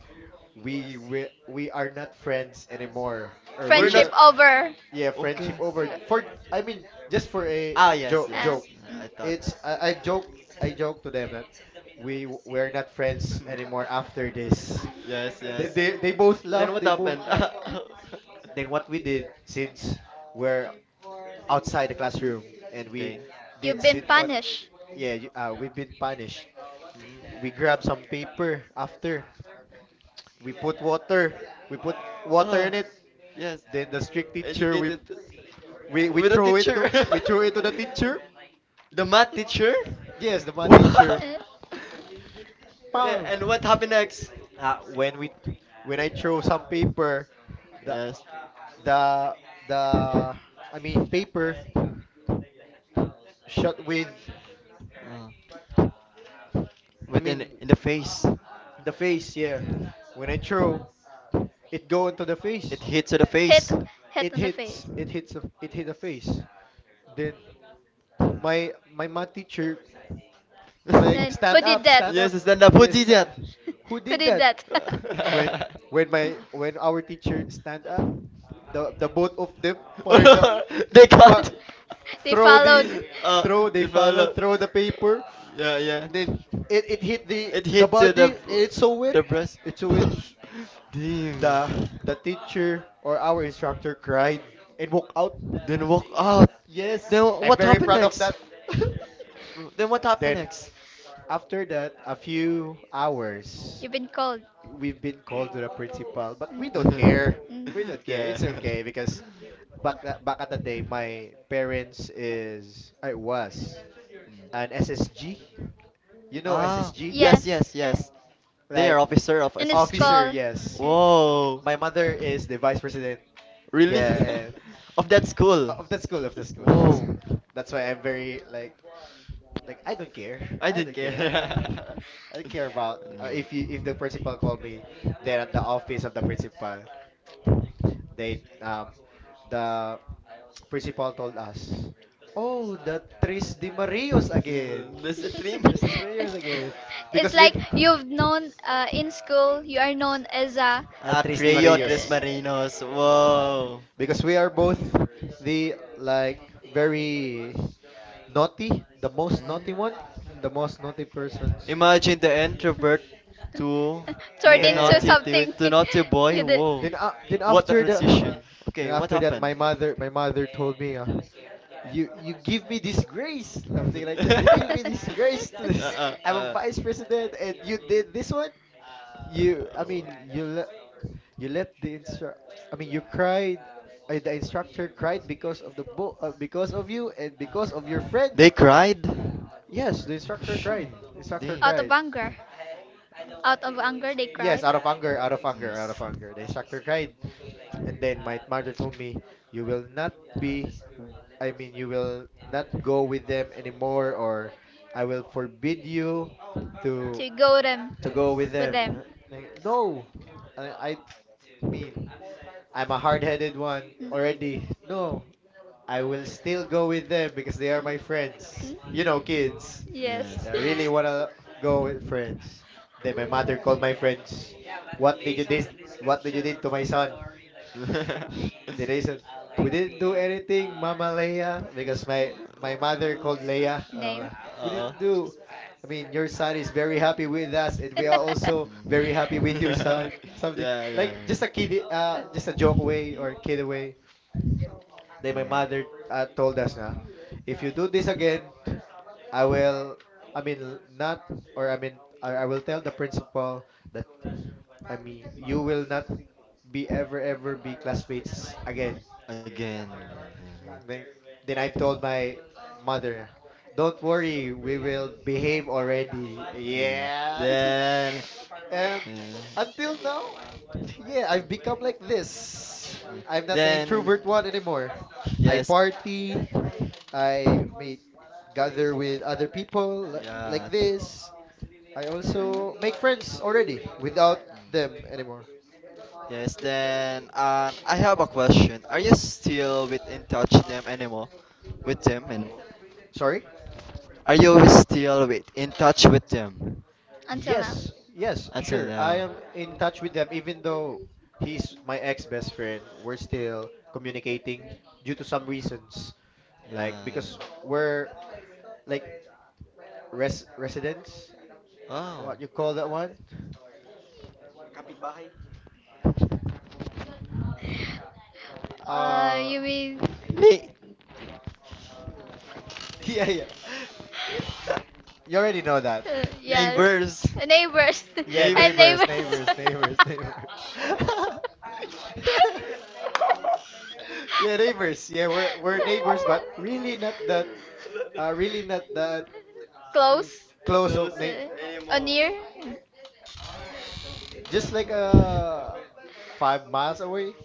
Speaker 2: we we, we are not friends anymore, or
Speaker 1: We're
Speaker 2: we
Speaker 1: not.
Speaker 3: Friendship
Speaker 2: will.
Speaker 3: over.
Speaker 2: Yeah, friendship
Speaker 1: Okay.
Speaker 2: over for I mean just for a
Speaker 1: Ah, yes,
Speaker 2: jo-
Speaker 3: Uh,
Speaker 2: joke.
Speaker 1: yes. I thought.
Speaker 2: It's I, I've joked I joked to them that we
Speaker 1: [laughs]
Speaker 2: w- we're not friends anymore after this.
Speaker 1: Yes,
Speaker 2: They
Speaker 1: yes.
Speaker 2: they, they both laugh.
Speaker 1: Then what
Speaker 2: They both
Speaker 1: happened?
Speaker 2: laugh.
Speaker 1: [laughs]
Speaker 3: mm.
Speaker 2: Then what we did, since we're outside the classroom and we
Speaker 1: Okay.
Speaker 3: You've
Speaker 2: did
Speaker 3: been
Speaker 2: sit on,
Speaker 3: punished.
Speaker 2: yeah, you- uh, we've been punished.
Speaker 1: Mhm.
Speaker 2: We grabbed some paper after. We put water. We put water
Speaker 1: Uh,
Speaker 2: in it.
Speaker 1: yes.
Speaker 2: Then the strict teacher, we
Speaker 1: Educated
Speaker 2: we we
Speaker 1: with a
Speaker 2: throw it
Speaker 1: teacher.
Speaker 2: to
Speaker 1: [laughs]
Speaker 2: we throw it to the teacher.
Speaker 1: The math teacher?
Speaker 2: Yes, the math
Speaker 1: [laughs]
Speaker 2: teacher.
Speaker 3: Uh,
Speaker 1: Wow. Yeah,
Speaker 2: Pow.
Speaker 1: and what happened next?
Speaker 2: Uh, when we when I throw some paper, the
Speaker 1: Yes.
Speaker 2: the the I mean paper shot with
Speaker 1: Uh,
Speaker 2: I
Speaker 1: Within
Speaker 2: mean
Speaker 1: in the face.
Speaker 2: the face, yeah. When I throw, it go into the
Speaker 1: It
Speaker 2: face.
Speaker 1: hits to the
Speaker 3: Hit,
Speaker 1: face.
Speaker 3: hit
Speaker 2: It
Speaker 3: on the
Speaker 2: hits.
Speaker 3: face.
Speaker 2: It hits. The, it hit the face. Then my my math teacher like
Speaker 3: Then, who
Speaker 2: stand
Speaker 3: did
Speaker 2: up,
Speaker 3: that?
Speaker 1: [laughs]
Speaker 2: stand up.
Speaker 1: Yes, stand up. Who
Speaker 2: Yes.
Speaker 1: did
Speaker 2: Sta-
Speaker 1: that?
Speaker 2: who
Speaker 3: [laughs]
Speaker 2: did
Speaker 3: Did
Speaker 2: that?
Speaker 3: that?
Speaker 2: When when my when our teacher stand
Speaker 1: [laughs]
Speaker 2: up, the the both of them fire the
Speaker 1: [laughs] [laughs] They cut.
Speaker 2: fa-
Speaker 3: [laughs] They
Speaker 2: throw the
Speaker 3: followed.
Speaker 1: uh,
Speaker 2: throw they
Speaker 1: it fell
Speaker 2: follow
Speaker 1: out.
Speaker 2: throw the paper,
Speaker 1: Yeah, yeah.
Speaker 2: and then it, it hit the
Speaker 1: It
Speaker 2: the
Speaker 1: hit to the
Speaker 2: body. It's so wet.
Speaker 1: the breast.
Speaker 2: It's so wet.
Speaker 1: [laughs] Damn.
Speaker 2: The the teacher or our instructor cried and walked out.
Speaker 1: Then walk out. Then
Speaker 2: Yes, I'm
Speaker 1: what
Speaker 2: very
Speaker 1: happened
Speaker 2: proud of
Speaker 1: next?
Speaker 2: that. [laughs]
Speaker 1: Then what happened
Speaker 2: Then
Speaker 1: next?
Speaker 2: after that, a few hours,
Speaker 3: You've been called.
Speaker 2: we've been called to the principal, but we don't care.
Speaker 3: Mm.
Speaker 2: We don't
Speaker 1: [laughs]
Speaker 2: care.
Speaker 1: Yeah.
Speaker 2: It's okay because back tha- back at the day, my parents is I was
Speaker 1: [laughs]
Speaker 2: an S S G. You know
Speaker 1: Ah,
Speaker 2: S S G?
Speaker 1: yes,
Speaker 3: Yes.
Speaker 1: yes, yes. They
Speaker 2: Like
Speaker 1: are officer of
Speaker 3: In the
Speaker 1: S S G.
Speaker 2: officer,
Speaker 3: school.
Speaker 2: yes.
Speaker 1: Whoa.
Speaker 2: My mother is the vice president.
Speaker 1: Really?
Speaker 2: Yeah, and
Speaker 1: [laughs] Of that school.
Speaker 2: o- of the school, of the school, of the school.
Speaker 1: Whoa.
Speaker 2: That's why I'm very like Like I don't care.
Speaker 1: I
Speaker 2: [laughs] I
Speaker 1: didn't
Speaker 2: don't
Speaker 1: care.
Speaker 2: care.
Speaker 1: [laughs]
Speaker 2: Uh, [laughs] I don't care about uh, if you if the principal called me there at the office of the principal. They um the [tsk] principal told us, "Oh, the Tris de Marios
Speaker 3: [laughs]
Speaker 2: again.
Speaker 1: Mm, That's a dream. [laughs]
Speaker 2: Tris de Marios again." [laughs] Because
Speaker 3: It's
Speaker 2: we
Speaker 3: like you've known uh, in school, you are known as a
Speaker 2: uh, Tris de
Speaker 1: Atreo Tres
Speaker 2: Marios.
Speaker 1: Marinos.
Speaker 2: Uh,
Speaker 1: Whoa.
Speaker 2: [laughs] because we are both the like very naughty, the most naughty
Speaker 1: Hmm?
Speaker 2: one, the most naughty persons.
Speaker 1: Imagine the introvert to
Speaker 3: turned
Speaker 1: the
Speaker 3: into
Speaker 1: naughty
Speaker 2: Yeah.
Speaker 1: to,
Speaker 3: something.
Speaker 1: to naughty
Speaker 3: [laughs]
Speaker 1: boy.
Speaker 3: You did.
Speaker 1: Whoa,
Speaker 2: Then uh, then
Speaker 1: what a
Speaker 2: after the
Speaker 1: transition.
Speaker 2: [sighs] Then
Speaker 1: Okay, what
Speaker 2: after that,
Speaker 1: happened?
Speaker 2: my mother my mother told me uh, you you give me this grace,
Speaker 1: [laughs]
Speaker 2: something like that. You give me this grace to
Speaker 1: uh,
Speaker 3: [laughs]
Speaker 2: this.
Speaker 1: uh,
Speaker 2: I'm a
Speaker 1: uh.
Speaker 2: vice president and you did this one. You I mean You let you let the instru- I mean you cried uh, the instructor cried because of the bo- uh, because of you and because of your friends.
Speaker 1: They cried.
Speaker 2: Yes, the instructor cried.
Speaker 1: Shit,
Speaker 2: The instructor
Speaker 1: dang.
Speaker 3: out
Speaker 2: cried.
Speaker 3: of
Speaker 1: No.
Speaker 3: anger, out of anger, they
Speaker 2: Yes,
Speaker 3: cried
Speaker 2: out of anger, out of anger, out
Speaker 1: Yes.
Speaker 2: of anger. The instructor cried. And then my mother told me, "You will not be, w- I mean, you will not go with them anymore, or I will forbid you to
Speaker 3: to go them,
Speaker 2: to go with
Speaker 3: with
Speaker 2: them." Uh,
Speaker 3: them.
Speaker 2: like, no, I, I mean, I'm a hard-headed one already. No, I will still go with them because they are my friends. You know,
Speaker 3: Hmm?
Speaker 2: kids.
Speaker 3: Yes.
Speaker 1: Yes.
Speaker 2: I really wanna go with friends. Then my mother called my friends.
Speaker 1: Yes.
Speaker 2: What did you did? What did you did to my son?
Speaker 1: [laughs]
Speaker 2: Did I said we didn't do anything, Mama Leia, because my my mother called Leia.
Speaker 3: [laughs] Name.
Speaker 2: Uh, we
Speaker 1: Uh-uh.
Speaker 2: didn't
Speaker 1: [laughs]
Speaker 2: do. I mean, your son is very happy with us, and we are also very happy with your son. Something
Speaker 1: Yeah,
Speaker 2: like
Speaker 1: yeah,
Speaker 2: just a
Speaker 1: yeah.
Speaker 2: kid, uh, just a joke way or kid way. Then
Speaker 1: Yeah.
Speaker 2: my mother uh, told us, na, if you do this again, I will. I mean, l- not or I mean, I, I will tell the principal that I mean you will not be ever ever be classmates again.
Speaker 1: Again.
Speaker 2: Mm,
Speaker 1: Yeah.
Speaker 2: Then, then I've told my mother, don't worry, we will behave already.
Speaker 1: Mm.
Speaker 2: Yeah.
Speaker 1: Then,
Speaker 2: And
Speaker 1: yeah, uh,
Speaker 2: until now, yeah, I've become like this. I'm not the
Speaker 1: then,
Speaker 2: introvert one anymore. I
Speaker 1: yes,
Speaker 2: party, I meet, gather with other people li- like
Speaker 1: yeah,
Speaker 2: this. I also make friends already without them anymore.
Speaker 1: yes. Then, um, I have a question. Are you still with in touch them anymore? With them anymore?
Speaker 2: Sorry?
Speaker 1: Are you still with in touch with them
Speaker 2: Yes, yes,
Speaker 1: until
Speaker 2: sure. I
Speaker 1: now?
Speaker 2: am in touch with them, even though he's my ex-best friend. We're still communicating due to some reasons, like
Speaker 1: Yeah.
Speaker 2: because we're like res residents.
Speaker 1: Wow.
Speaker 2: What you call that one?
Speaker 3: Uh,
Speaker 2: Uh,
Speaker 3: mean.
Speaker 1: Na-
Speaker 2: [laughs] yeah, yeah. But you already know that.
Speaker 3: [laughs] uh,
Speaker 1: neighbors.
Speaker 3: Neighbor.
Speaker 2: Yeah,
Speaker 3: Uh, neighbors. [laughs]
Speaker 1: [laughs]
Speaker 2: yeah,
Speaker 1: Neighbor. [laughs]
Speaker 2: neighbors,
Speaker 3: I'm
Speaker 2: neighbors, neighbors, neighbors. [laughs] Yeah, neighbors. Yeah, we're we're neighbors, but really not that. Uh, really not that,
Speaker 3: [laughs]
Speaker 2: mm,
Speaker 3: close.
Speaker 2: close up, na- just like uh five miles away,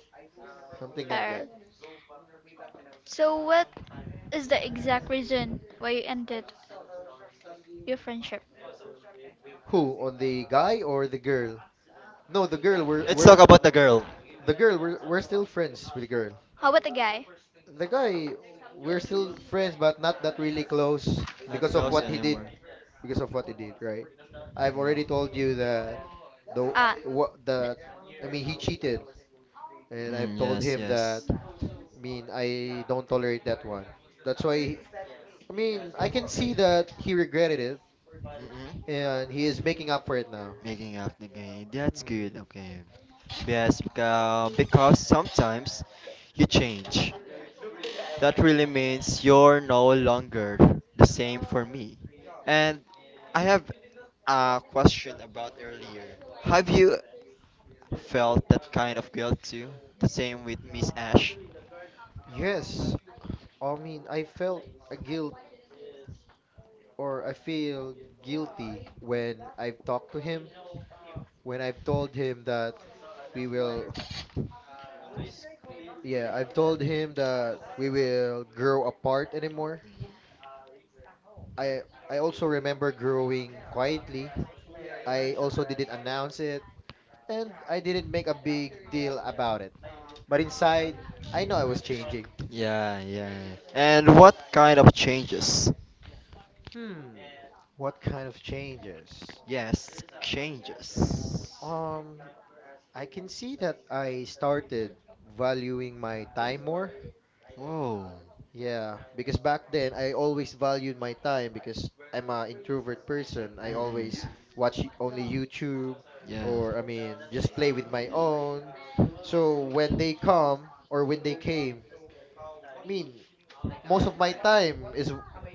Speaker 2: something like
Speaker 3: Uh,
Speaker 2: that.
Speaker 3: so is the exact reason why you ended your friendship.
Speaker 2: Who, on the guy or the girl? No, the girl. We're
Speaker 1: Let's talk
Speaker 2: we're
Speaker 1: about the girl.
Speaker 2: the girl. We're we're still friends with the girl.
Speaker 3: How about the guy?
Speaker 2: The guy, we're still friends, but not that really close
Speaker 1: Not
Speaker 2: because of
Speaker 1: close
Speaker 2: what he did.
Speaker 1: anymore.
Speaker 2: Because of what he did, right? I've already told you that the
Speaker 3: Ah,
Speaker 2: what the
Speaker 3: th-
Speaker 2: I mean he cheated, and I've
Speaker 1: Mm,
Speaker 2: told
Speaker 1: yes,
Speaker 2: him that.
Speaker 1: yes.
Speaker 2: I mean I don't tolerate that one. That's why I mean, I can see that he regretted it
Speaker 1: Mm-mm.
Speaker 2: and he is making up for it now.
Speaker 1: Making up the game. That's good.
Speaker 2: Mm,
Speaker 1: Okay. Yes, because, because sometimes you change. That really means you're no longer the same for me. And I have a question about earlier. Have you felt that kind of guilt too. The same with Miss Ash.
Speaker 2: yes, I mean, I felt a guilt or I feel guilty when I've talked to him, when I've told him that we will, yeah, I've told him that we will grow apart anymore. I I also remember growing quietly. I also didn't announce it and I didn't make a big deal about it. But inside, I know I was changing.
Speaker 1: Yeah, yeah. And what kind of changes?
Speaker 2: Hmm, what kind of changes?
Speaker 1: Yes, changes.
Speaker 2: Um, I can see that I started valuing my time more.
Speaker 1: Whoa.
Speaker 2: Yeah, because back then I always valued my time because I'm a introvert person. I
Speaker 1: Mm-mm.
Speaker 2: always watch y- only YouTube
Speaker 1: Yes.
Speaker 2: or I mean just play with my own. So when they come or when they came, I mean most of my time is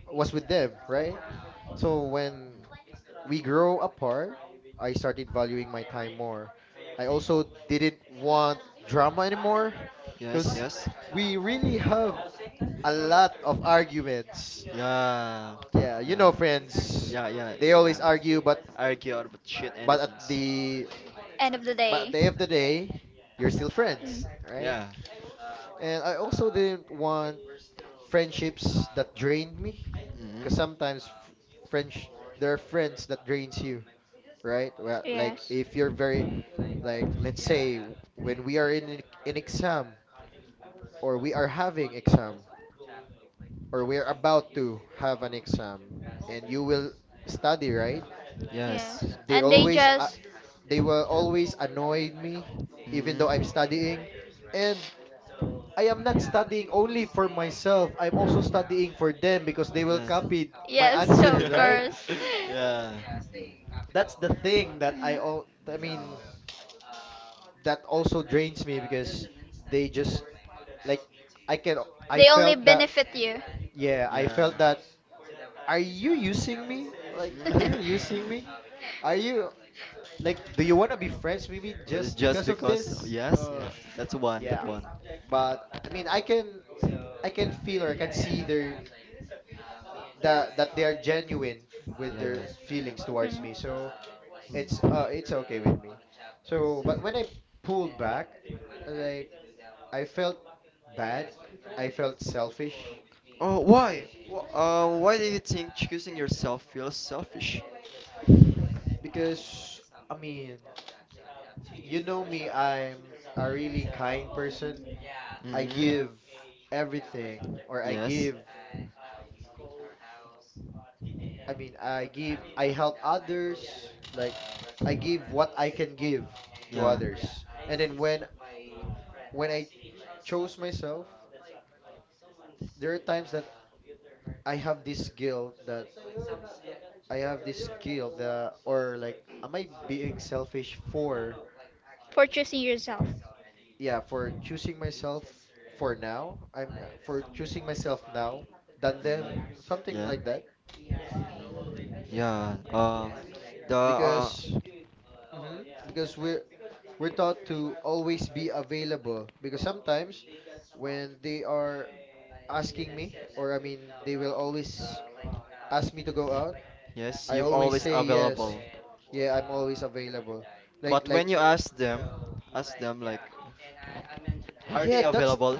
Speaker 2: was with them, right? So when
Speaker 1: Mm.
Speaker 2: we grow apart, I started valuing my time more. I also didn't want drama anymore
Speaker 1: Yes,
Speaker 2: because
Speaker 1: yes.
Speaker 2: we really have a lot of arguments.
Speaker 1: Yeah.
Speaker 2: Yeah, you
Speaker 1: Yeah.
Speaker 2: know friends,
Speaker 1: Yeah, yeah,
Speaker 2: they
Speaker 1: yeah.
Speaker 2: always argue but
Speaker 1: Argue about shit,
Speaker 2: but at
Speaker 1: anything.
Speaker 2: the
Speaker 3: End of the
Speaker 2: but
Speaker 3: day.
Speaker 2: at the end of the day, you're still friends, right?
Speaker 1: Yeah.
Speaker 2: And I also didn't want friendships that drained me because
Speaker 1: Mm-hmm.
Speaker 2: sometimes f- French there are friends that drains you, right? Well, like
Speaker 3: Yes,
Speaker 2: if you're very like let's say w- when we are in an in exam or we are having exam or we are about to have an exam and you will study, right?
Speaker 1: Yes.
Speaker 3: yes.
Speaker 2: They
Speaker 3: And they
Speaker 2: always uh,
Speaker 3: just.
Speaker 2: they will always annoy me even though I'm
Speaker 1: Mm-mm.
Speaker 2: studying, and I am not studying only for myself, I'm also studying for them because they will
Speaker 1: Yes.
Speaker 2: copy my
Speaker 3: Yes, [laughs]
Speaker 2: answers,
Speaker 3: of
Speaker 2: right?
Speaker 1: [laughs]
Speaker 3: course.
Speaker 1: Yeah. Mm-mm.
Speaker 2: That's the thing that I
Speaker 3: Mm.
Speaker 2: all I mean [tsk] that also drains me because they just like I can I
Speaker 3: They only
Speaker 2: felt that.
Speaker 3: benefit you.
Speaker 2: Yeah, I
Speaker 1: Yeah.
Speaker 2: felt that. Are you using me?
Speaker 3: [laughs]
Speaker 2: Like, are you using
Speaker 1: [laughs]
Speaker 2: me? Are you like, do you want to be friends with me just
Speaker 1: Just
Speaker 2: because of
Speaker 1: because,
Speaker 2: this?
Speaker 1: yes,
Speaker 2: Uh,
Speaker 1: yes, that's one, that
Speaker 2: yeah.
Speaker 1: one.
Speaker 2: But I mean, I can I can feel or I can see their that that they are genuine with
Speaker 1: Yeah.
Speaker 2: their feelings towards me.
Speaker 3: Mhm.
Speaker 2: So it's
Speaker 1: Hmm.
Speaker 2: uh it's okay with me. So, but when I pulled back, like I felt bad. I felt selfish.
Speaker 1: Oh,
Speaker 2: Um,
Speaker 1: why? Wh- Uh, why do you think choosing yourself feels selfish?
Speaker 2: Because I mean. You know me, I'm a really kind person. I
Speaker 1: Mm-hmm.
Speaker 2: give everything, or I
Speaker 1: Yes.
Speaker 2: give, I mean, I give, I help others. Like, I give what I can give to
Speaker 1: Yeah.
Speaker 2: others. And then when when I chose myself, there are times that I have this guilt that I have this guilt that, or like, am I being selfish for,
Speaker 3: For yourself,
Speaker 2: yeah, for choosing myself for now? I'm uh, for choosing myself now than them,
Speaker 1: Mm.
Speaker 2: something
Speaker 1: Yeah.
Speaker 2: like that.
Speaker 1: Yeah. Um. The uh.
Speaker 2: Because hmm because we're we're taught to always be available, because sometimes when they are asking me, or I mean they will always ask me to go out,
Speaker 1: Yes,
Speaker 2: I
Speaker 1: you've
Speaker 2: always
Speaker 1: always
Speaker 2: say yes,
Speaker 1: available.
Speaker 2: yeah, I'm always available, like
Speaker 1: But
Speaker 2: like
Speaker 1: when you ask them, ask them like, are they
Speaker 2: yeah, that's
Speaker 1: available?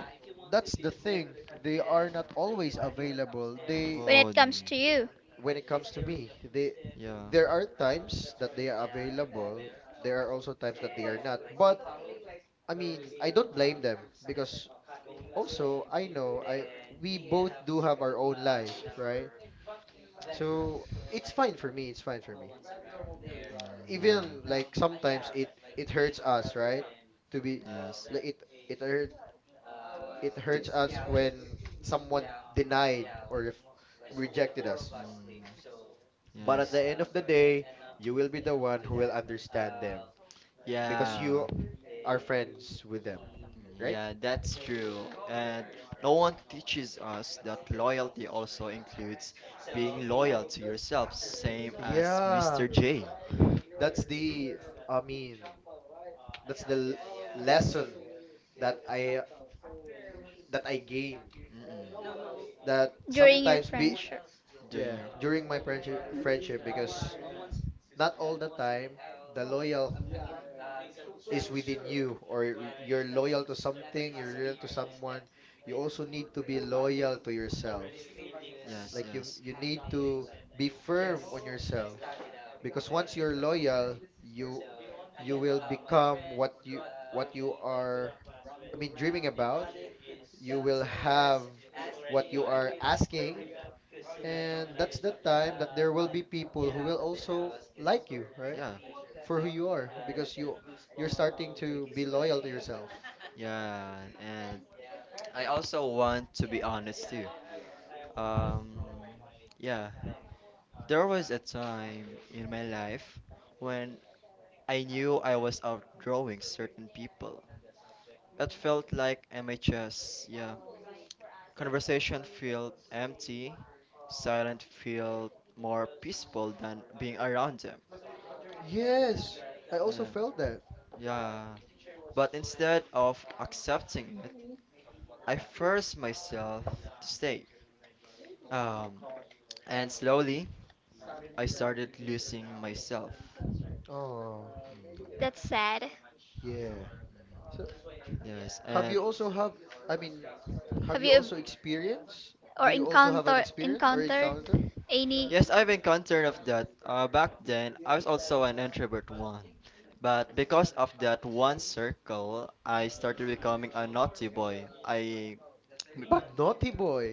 Speaker 2: that's the thing, they are not always available, they
Speaker 3: when
Speaker 1: Oh.
Speaker 3: it comes
Speaker 1: n-
Speaker 3: to you
Speaker 2: when it comes to me, they
Speaker 1: Yeah.
Speaker 2: there are times that they are available. There are also times that they are not. But I mean, I don't blame them because also I know I we both do have our own life, right? So it's fine for me, it's fine for me.
Speaker 1: Mm, yeah.
Speaker 2: Even like sometimes it it hurts us, right? To be
Speaker 1: Yes.
Speaker 2: like it it hurt it hurts us
Speaker 1: To-
Speaker 2: when someone denied or if rejected us.
Speaker 1: Mm, But
Speaker 2: But at
Speaker 1: yes.
Speaker 2: the end of the day, you will be the one who will understand them
Speaker 1: it's
Speaker 2: because
Speaker 1: Yeah.
Speaker 2: you
Speaker 1: you.
Speaker 2: are friends with them, right?
Speaker 1: Yeah, that's true. And no one teaches us that loyalty also includes being loyal to yourself, same as
Speaker 2: Yeah.
Speaker 1: Mister J.
Speaker 2: That's the I mean that's the l- lesson that I that I gained,
Speaker 1: Mm-mm.
Speaker 2: that
Speaker 3: during your
Speaker 2: sometimes be
Speaker 3: friendship.
Speaker 2: yeah
Speaker 1: Junior.
Speaker 2: during my friendship friendship because not all the time the loyal is within you, or you're loyal to something, you're loyal to someone, you also need to be loyal to yourself.
Speaker 1: Yes,
Speaker 2: Like you
Speaker 1: yes.
Speaker 2: you need to be firm on yourself, because once you're loyal you you will become what you what you are, I mean, dreaming about, you will have what you are asking, and that's the time that there will be people who will also like you, right?
Speaker 1: Yeah.
Speaker 2: For who you are, because you you're starting to be loyal to yourself.
Speaker 1: Yeah, and I also want to be honest too. Um, yeah, there was a time in my life when I knew I was outdrawing certain people. It felt like M H S, yeah. Conversation felt empty, silent felt more peaceful than being around them.
Speaker 2: Yes, I also
Speaker 1: Yeah.
Speaker 2: felt that.
Speaker 1: Yeah. But instead of accepting it, I forced myself to stay. Um, and slowly, I started losing myself.
Speaker 2: Oh,
Speaker 3: That's sad.
Speaker 2: yeah. So
Speaker 1: Yes,
Speaker 2: have
Speaker 1: and
Speaker 2: you also have, I mean, have
Speaker 3: Have
Speaker 2: you
Speaker 3: you ab-
Speaker 2: also experienced,
Speaker 3: or
Speaker 2: do you also have an
Speaker 3: encounter
Speaker 2: experience or
Speaker 3: encountered
Speaker 2: encounter
Speaker 3: any?
Speaker 1: yes, I've encountered of that. Uh, back then, I was also an introvert one, but because of that one circle, I started becoming a naughty boy. I back
Speaker 2: Y- naughty boy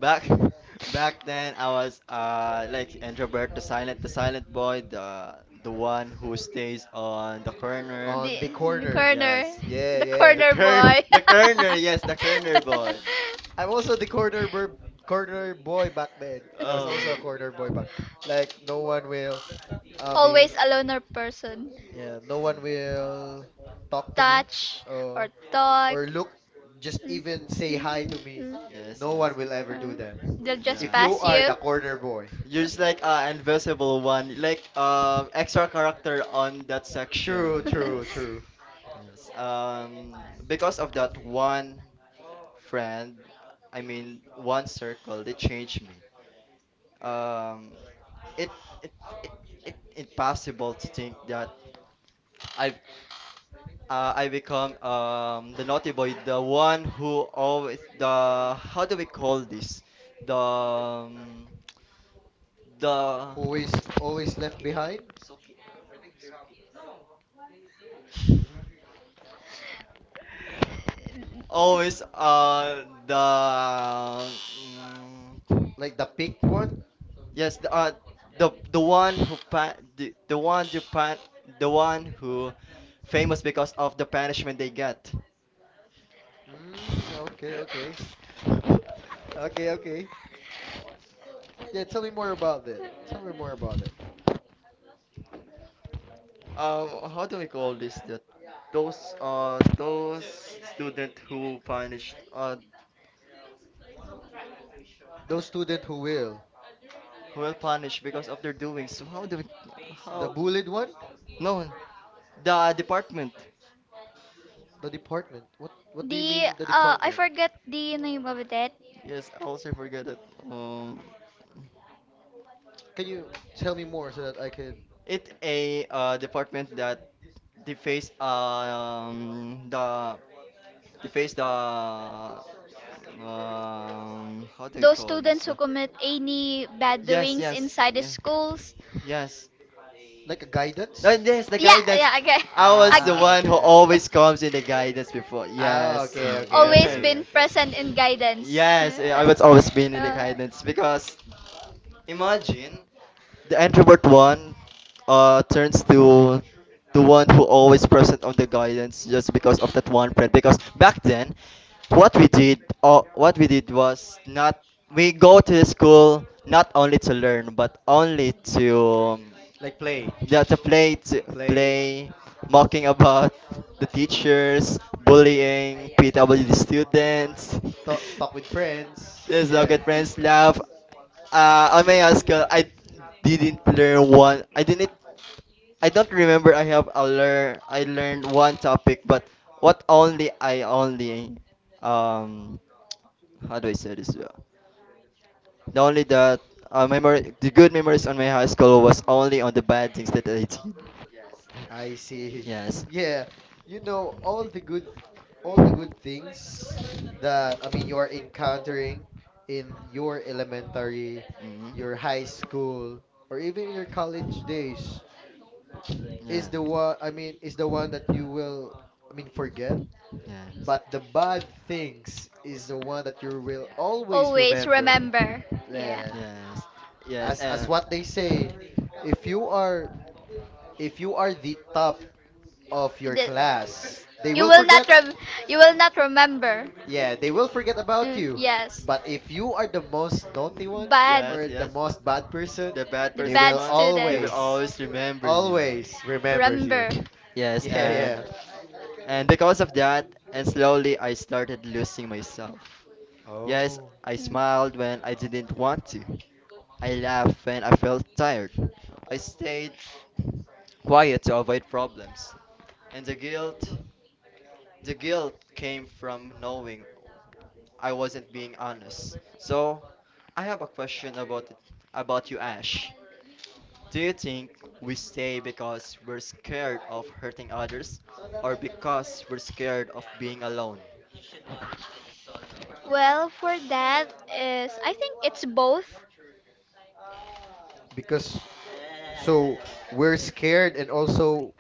Speaker 1: back [laughs] back then I was uh like introvert, the silent, the silent boy, the the one who stays on the corner.
Speaker 2: on the
Speaker 3: The, the
Speaker 2: corner,
Speaker 3: corner,
Speaker 1: Yes.
Speaker 2: yeah,
Speaker 3: the
Speaker 2: yeah.
Speaker 1: The
Speaker 3: corner
Speaker 1: cur
Speaker 3: boy.
Speaker 1: [laughs] the corner, yes, the corner boy.
Speaker 3: [laughs]
Speaker 2: I'm also the corner bur corner boy back then. I was
Speaker 1: Oh.
Speaker 2: also a
Speaker 3: [laughs]
Speaker 2: corner boy back. Like no one will. I mean,
Speaker 3: Always a loner person.
Speaker 2: yeah, no one will talk to me
Speaker 3: Touch or
Speaker 2: or
Speaker 3: talk.
Speaker 2: or look, just even
Speaker 3: Mm,
Speaker 2: say hi to me.
Speaker 3: mm,
Speaker 1: Yes,
Speaker 2: No one
Speaker 1: yes.
Speaker 2: will
Speaker 3: mm,
Speaker 2: ever do
Speaker 3: mm.
Speaker 2: that.
Speaker 3: They'll just
Speaker 2: If
Speaker 1: Yeah.
Speaker 2: you
Speaker 3: pass
Speaker 2: are
Speaker 3: you.
Speaker 2: the corner boy,
Speaker 1: You're just like uh, invisible one, like um extra character on that
Speaker 2: true,
Speaker 1: section.
Speaker 2: true,
Speaker 1: Yes.
Speaker 2: true.
Speaker 3: [laughs]
Speaker 1: Yes. Um, because of that one friend, I mean one circle, they changed me. Um, it it it it impossible to think that I've uh, I become um, the naughty boy, the one who always the how do we call this? The um, the
Speaker 2: Who is always left behind? Mm.
Speaker 1: always uh the mm,
Speaker 2: Like the pick one?
Speaker 1: yes the uh, the the one who pa- the, the one who pan the one who famous because of the punishment they get.
Speaker 2: Mm, okay, okay. [laughs] Okay, okay. Yeah, tell me more about that. Tell me more about that.
Speaker 1: Um, how do we call this? That those uh those student who punished uh
Speaker 2: Those student who will.
Speaker 1: who will punish because of their doings. So how do we,
Speaker 2: The
Speaker 1: how?
Speaker 2: bullied one?
Speaker 1: No, the department.
Speaker 2: The department. What what do you
Speaker 3: the
Speaker 2: mean the
Speaker 3: uh, I
Speaker 2: department?
Speaker 3: forget the name of that.
Speaker 1: Yes, I also forget it. Um,
Speaker 2: Can you tell me more so that I could
Speaker 1: it a uh, department that deface um the deface the um how do we
Speaker 3: Those
Speaker 1: call this?
Speaker 3: students who
Speaker 1: But
Speaker 3: commit any bad
Speaker 1: yes,
Speaker 3: doings
Speaker 1: yes,
Speaker 3: inside the
Speaker 1: yeah,
Speaker 3: schools.
Speaker 1: yes.
Speaker 2: like a
Speaker 1: No,
Speaker 2: guidance?
Speaker 1: yes, the
Speaker 3: Yeah,
Speaker 1: guidance.
Speaker 3: yeah, okay.
Speaker 1: I was the
Speaker 3: [laughs]
Speaker 2: Ah,
Speaker 3: A.
Speaker 1: one who
Speaker 2: okay, okay.
Speaker 1: always comes in the guidance before.
Speaker 2: Ah,
Speaker 1: Yes,
Speaker 2: okay,
Speaker 1: [laughs]
Speaker 2: okay,
Speaker 3: Always
Speaker 1: yes,
Speaker 2: okay,
Speaker 3: been
Speaker 2: okay.
Speaker 3: present
Speaker 2: [laughs]
Speaker 3: in guidance.
Speaker 1: yes. I
Speaker 3: [laughs]
Speaker 1: was always been in
Speaker 2: Yeah.
Speaker 1: the
Speaker 3: Uh,
Speaker 1: guidance because imagine the introvert one uh, turns to the one who always present on the guidance just because of that one friend. Because back then, what we did, uh, what we did was not we go to the school not only to learn but only to um,
Speaker 2: Like play.
Speaker 1: yeah, to play, to
Speaker 2: Play.
Speaker 1: play, mocking about the teachers,
Speaker 2: Yeah.
Speaker 1: bullying, P W D students.
Speaker 2: Talk talk
Speaker 1: [laughs]
Speaker 2: with friends.
Speaker 1: This is how
Speaker 2: Yeah.
Speaker 1: friends laugh. Uh, on my high school, I didn't learn one. I didn't. I don't remember. I have a learn. I learned one topic, but what only I only um how do I say this? Uh, The only that uh, memory, the good memories on my high school was only on the bad things that I did.
Speaker 2: I see.
Speaker 1: Yes.
Speaker 2: [laughs] Yeah, you know all the good, all the good things that I mean you're encountering in your elementary,
Speaker 1: Mm-hmm.
Speaker 2: your high school, or even in your college days is the one, I mean is the one that you will I mean forget,
Speaker 1: Yes.
Speaker 2: but the bad things is the one that
Speaker 1: Yes.
Speaker 2: you will always
Speaker 3: always
Speaker 2: remember.
Speaker 3: remember. Yeah.
Speaker 2: Yeah,
Speaker 1: Yes. Yes.
Speaker 2: as as
Speaker 1: And
Speaker 2: what they say, if you are if you are the top of your
Speaker 3: The-
Speaker 2: class, they
Speaker 3: you
Speaker 2: will
Speaker 3: will not
Speaker 2: forget.
Speaker 3: rem- you will not remember.
Speaker 2: Yeah, they will forget about
Speaker 3: Mm,
Speaker 2: you.
Speaker 3: yes.
Speaker 2: But if you are the most naughty one
Speaker 3: Bad,
Speaker 1: yes,
Speaker 2: or the
Speaker 1: yes.
Speaker 2: most bad person,
Speaker 1: The bad
Speaker 3: the
Speaker 2: they
Speaker 1: person
Speaker 3: bad
Speaker 2: will
Speaker 1: one, they will
Speaker 3: student.
Speaker 2: always,
Speaker 1: always remember you.
Speaker 2: always remembers you.
Speaker 3: Remember.
Speaker 2: [laughs]
Speaker 1: Yes,
Speaker 2: Yeah,
Speaker 1: and
Speaker 2: yeah.
Speaker 1: and because of that, and slowly I started losing myself. Yes,
Speaker 2: Oh.
Speaker 1: I
Speaker 3: Mm.
Speaker 1: smiled when I didn't want to. I laughed when I felt tired. I stayed quiet to avoid problems. And the guilt, the guilt came from knowing I wasn't being honest. So, I have a question about it, about you, Ash. Do you think we stay because we're scared of hurting others or because we're scared of being alone?
Speaker 3: Well, for that is, I think it's both.
Speaker 2: Because so we're scared and also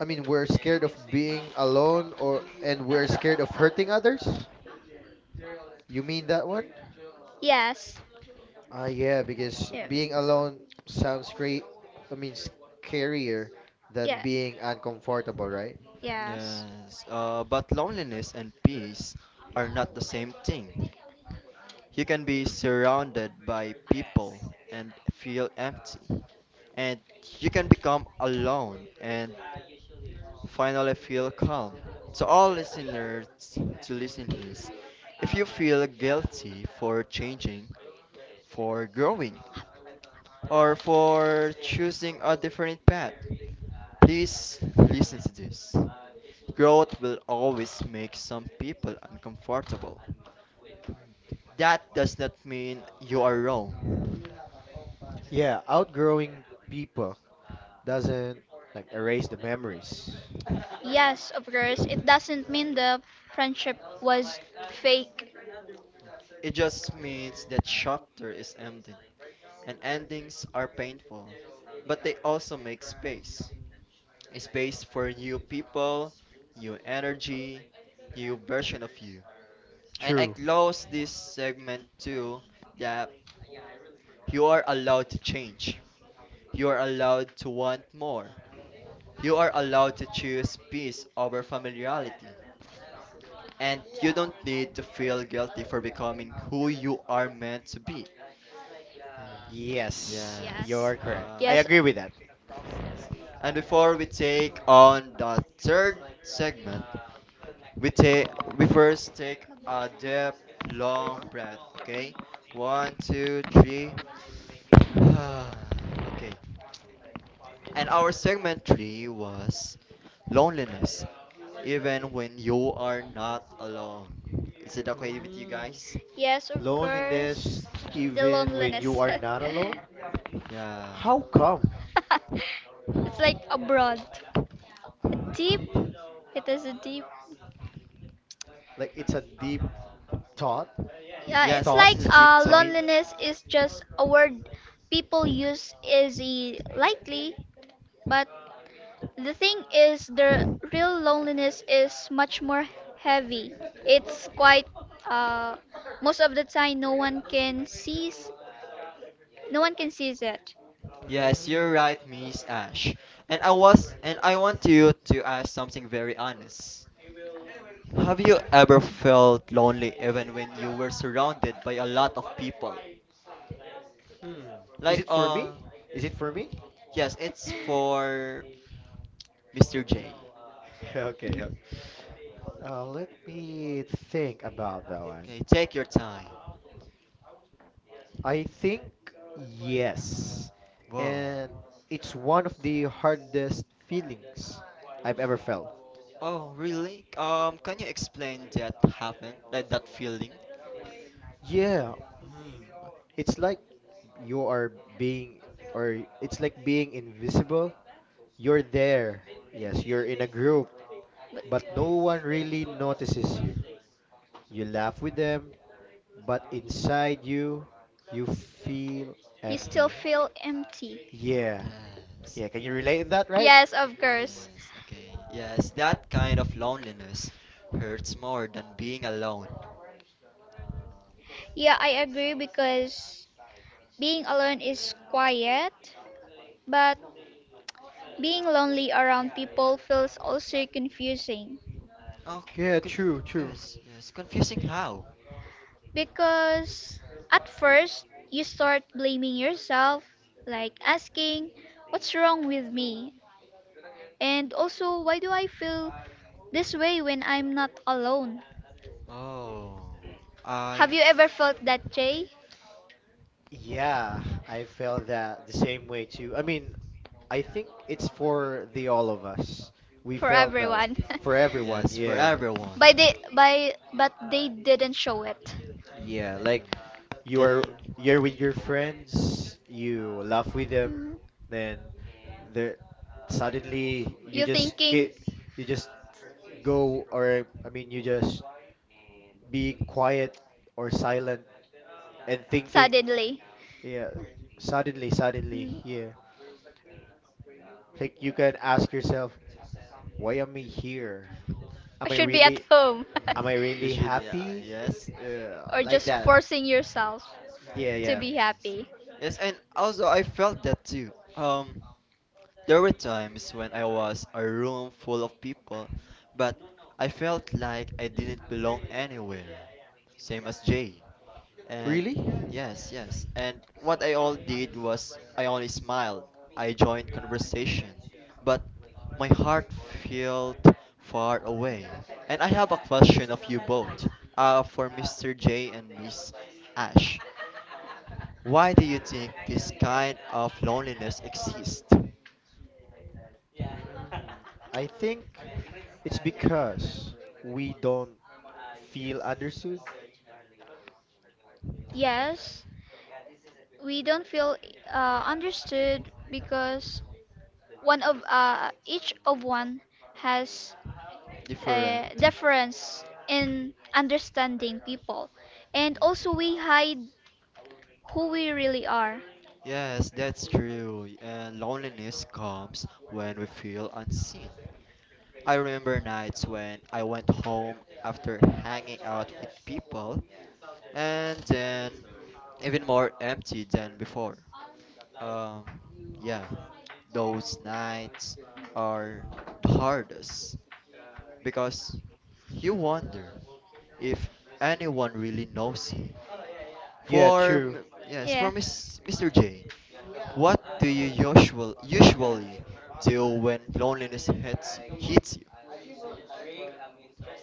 Speaker 2: I mean we're scared of being alone or and we're scared of hurting others. You mean that one?
Speaker 3: Yes.
Speaker 2: Ah yeah, because
Speaker 3: Yeah.
Speaker 2: being alone sounds great, I mean scarier than
Speaker 3: Yeah.
Speaker 2: being uncomfortable, right?
Speaker 3: Yes.
Speaker 1: Yes, uh, but loneliness and peace are not the same thing. You can be surrounded by people and feel empty, and you can become alone and finally feel calm. To all listeners to listen his, if you feel guilty for changing, for growing, or for choosing a different path, please listen to this. Growth will always make some people uncomfortable. That does not mean you are wrong.
Speaker 2: Yeah, outgrowing people doesn't like erase the memories.
Speaker 3: Yes, of course. It doesn't mean the friendship was fake.
Speaker 1: It just means that chapter is ending, and endings are painful, but they also make space. A space for new people, new energy, new version of you. And I
Speaker 2: True.
Speaker 1: close this segment too that you are allowed to change. You are allowed to want more. You are allowed to choose peace over familiarity. And you don't need to feel guilty for becoming who you are meant to be.
Speaker 3: Yes.
Speaker 2: Yes,
Speaker 1: Yes.
Speaker 2: you're correct.
Speaker 1: Um,
Speaker 2: I
Speaker 3: Yes.
Speaker 2: agree with that.
Speaker 1: and before we take on the third segment, We take we first take a deep long breath, okay? One, two, three. [sighs] Okay. And our segment three was loneliness, even when you are not alone. Is it okay with you
Speaker 2: Mm.
Speaker 1: guys?
Speaker 3: Yes, of
Speaker 2: Loneliness,
Speaker 3: course. The
Speaker 2: even when
Speaker 3: loneliness.
Speaker 2: you are not alone.
Speaker 1: Yeah.
Speaker 2: How come?
Speaker 3: [laughs] It's like abroad. A deep, it is a deep.
Speaker 2: Like it's a deep thought.
Speaker 3: Yeah,
Speaker 1: Yes,
Speaker 3: it's
Speaker 1: this
Speaker 3: like
Speaker 2: Thought.
Speaker 1: is a deep
Speaker 3: uh,
Speaker 2: I
Speaker 1: talk.
Speaker 2: mean,
Speaker 3: loneliness is just a word people use easy lightly, but the thing is, the real loneliness is much more heavy. It's quite. Uh, most of the time, no one can sees. No one can sees it.
Speaker 1: Yes,
Speaker 2: mm,
Speaker 1: you're right, Miss Ash. And I was and I want you to ask something very honest. Have you ever felt lonely even when you were surrounded by a lot of people?
Speaker 2: hmm. Is
Speaker 1: Like
Speaker 2: it for me?
Speaker 1: uh
Speaker 2: Is it for me?
Speaker 1: yes, it's
Speaker 3: [laughs]
Speaker 1: for Mister J.
Speaker 2: [laughs] Okay. Okay. Uh, let me think about that one.
Speaker 1: Okay, take your time.
Speaker 2: I think yes.
Speaker 1: Whoa.
Speaker 2: And it's one of the hardest feelings I've ever felt.
Speaker 1: Oh, really? Um can you explain that happened? Like that feeling?
Speaker 2: Yeah. Mm. It's like you are being, or it's like being invisible. You're there. Yes, you're in a group, but no one really notices you. You laugh with them, but inside you, you feel
Speaker 3: You still
Speaker 2: empty.
Speaker 3: feel empty.
Speaker 2: Yeah.
Speaker 1: Yes.
Speaker 2: Yeah, can you relate in that, right?
Speaker 3: Yes, of course.
Speaker 1: Yes, okay. Yes, that kind of loneliness hurts more than being alone.
Speaker 3: Yeah, I agree because being alone is quiet, but being lonely around people feels also confusing,
Speaker 1: Oh,
Speaker 2: Yeah,
Speaker 1: conf-
Speaker 2: true, true.
Speaker 1: yes, yes. Confusing how?
Speaker 3: because at first you start blaming yourself, like asking, what's wrong with me? And also, why do I feel this way when I'm not alone?
Speaker 1: Oh, I.
Speaker 3: Have you
Speaker 1: F-
Speaker 3: ever felt that, Jay?
Speaker 2: Yeah, I felt that the same way too. I mean, I think it's for the all of us. We
Speaker 3: For
Speaker 2: felt that wa-
Speaker 3: everyone.
Speaker 2: for everyone.
Speaker 1: yes, for
Speaker 2: Yeah.
Speaker 3: [laughs]
Speaker 1: everyone.
Speaker 3: By
Speaker 1: Yeah.
Speaker 3: they, by, but they didn't show it.
Speaker 2: Yeah, like you're
Speaker 1: Dealing. Mm.
Speaker 2: you're with your friends, you laugh with them, then there suddenly you
Speaker 3: You're
Speaker 2: just get you just go, or I mean you just be quiet or silent and thinking
Speaker 3: suddenly,
Speaker 2: yeah, suddenly, suddenly,
Speaker 3: mm,
Speaker 2: yeah.
Speaker 3: I
Speaker 2: Like you can ask yourself, why am I here? Am I
Speaker 3: should be at
Speaker 2: really
Speaker 3: home.
Speaker 2: am I
Speaker 1: We
Speaker 2: really
Speaker 3: [laughs]
Speaker 1: should, yeah,
Speaker 2: happy?
Speaker 1: yes.
Speaker 2: Uh,
Speaker 3: [laughs] Or
Speaker 2: like
Speaker 3: just
Speaker 1: Yeah.
Speaker 2: that.
Speaker 3: forcing yourself
Speaker 2: Yeah,
Speaker 3: to
Speaker 2: yeah.
Speaker 3: be
Speaker 1: Yes.
Speaker 3: happy.
Speaker 1: Yes, and also I felt that too. Um, There were times when I was a room full of people, but I felt like I didn't belong anywhere. Same as Jay. And
Speaker 2: Really? Mm,
Speaker 1: yes, yes. And what I all did was I only smiled. I joined conversation, but my heart felt far away. And I have a question of you both. Uh, for Mister J and Miss Ash. Why do you think this kind of loneliness exists?
Speaker 2: I think it's because we don't feel understood.
Speaker 3: Yes, we don't feel uh, understood, because one of uh, each of one has a
Speaker 1: Different.
Speaker 3: difference in understanding people, and
Speaker 1: Yeah.
Speaker 3: also we hide who we really are.
Speaker 1: Yes, that's true. And loneliness comes when we feel unseen. I remember nights when I went home after hanging out with people and then even more empty than before. Um, yeah, those nights are the hardest because you wonder if anyone really knows you.
Speaker 2: Yeah,
Speaker 1: For
Speaker 2: true.
Speaker 1: m- yes,
Speaker 3: Yeah.
Speaker 1: for Miss, Mister J, what do you usual, usually do when loneliness hits, hits you?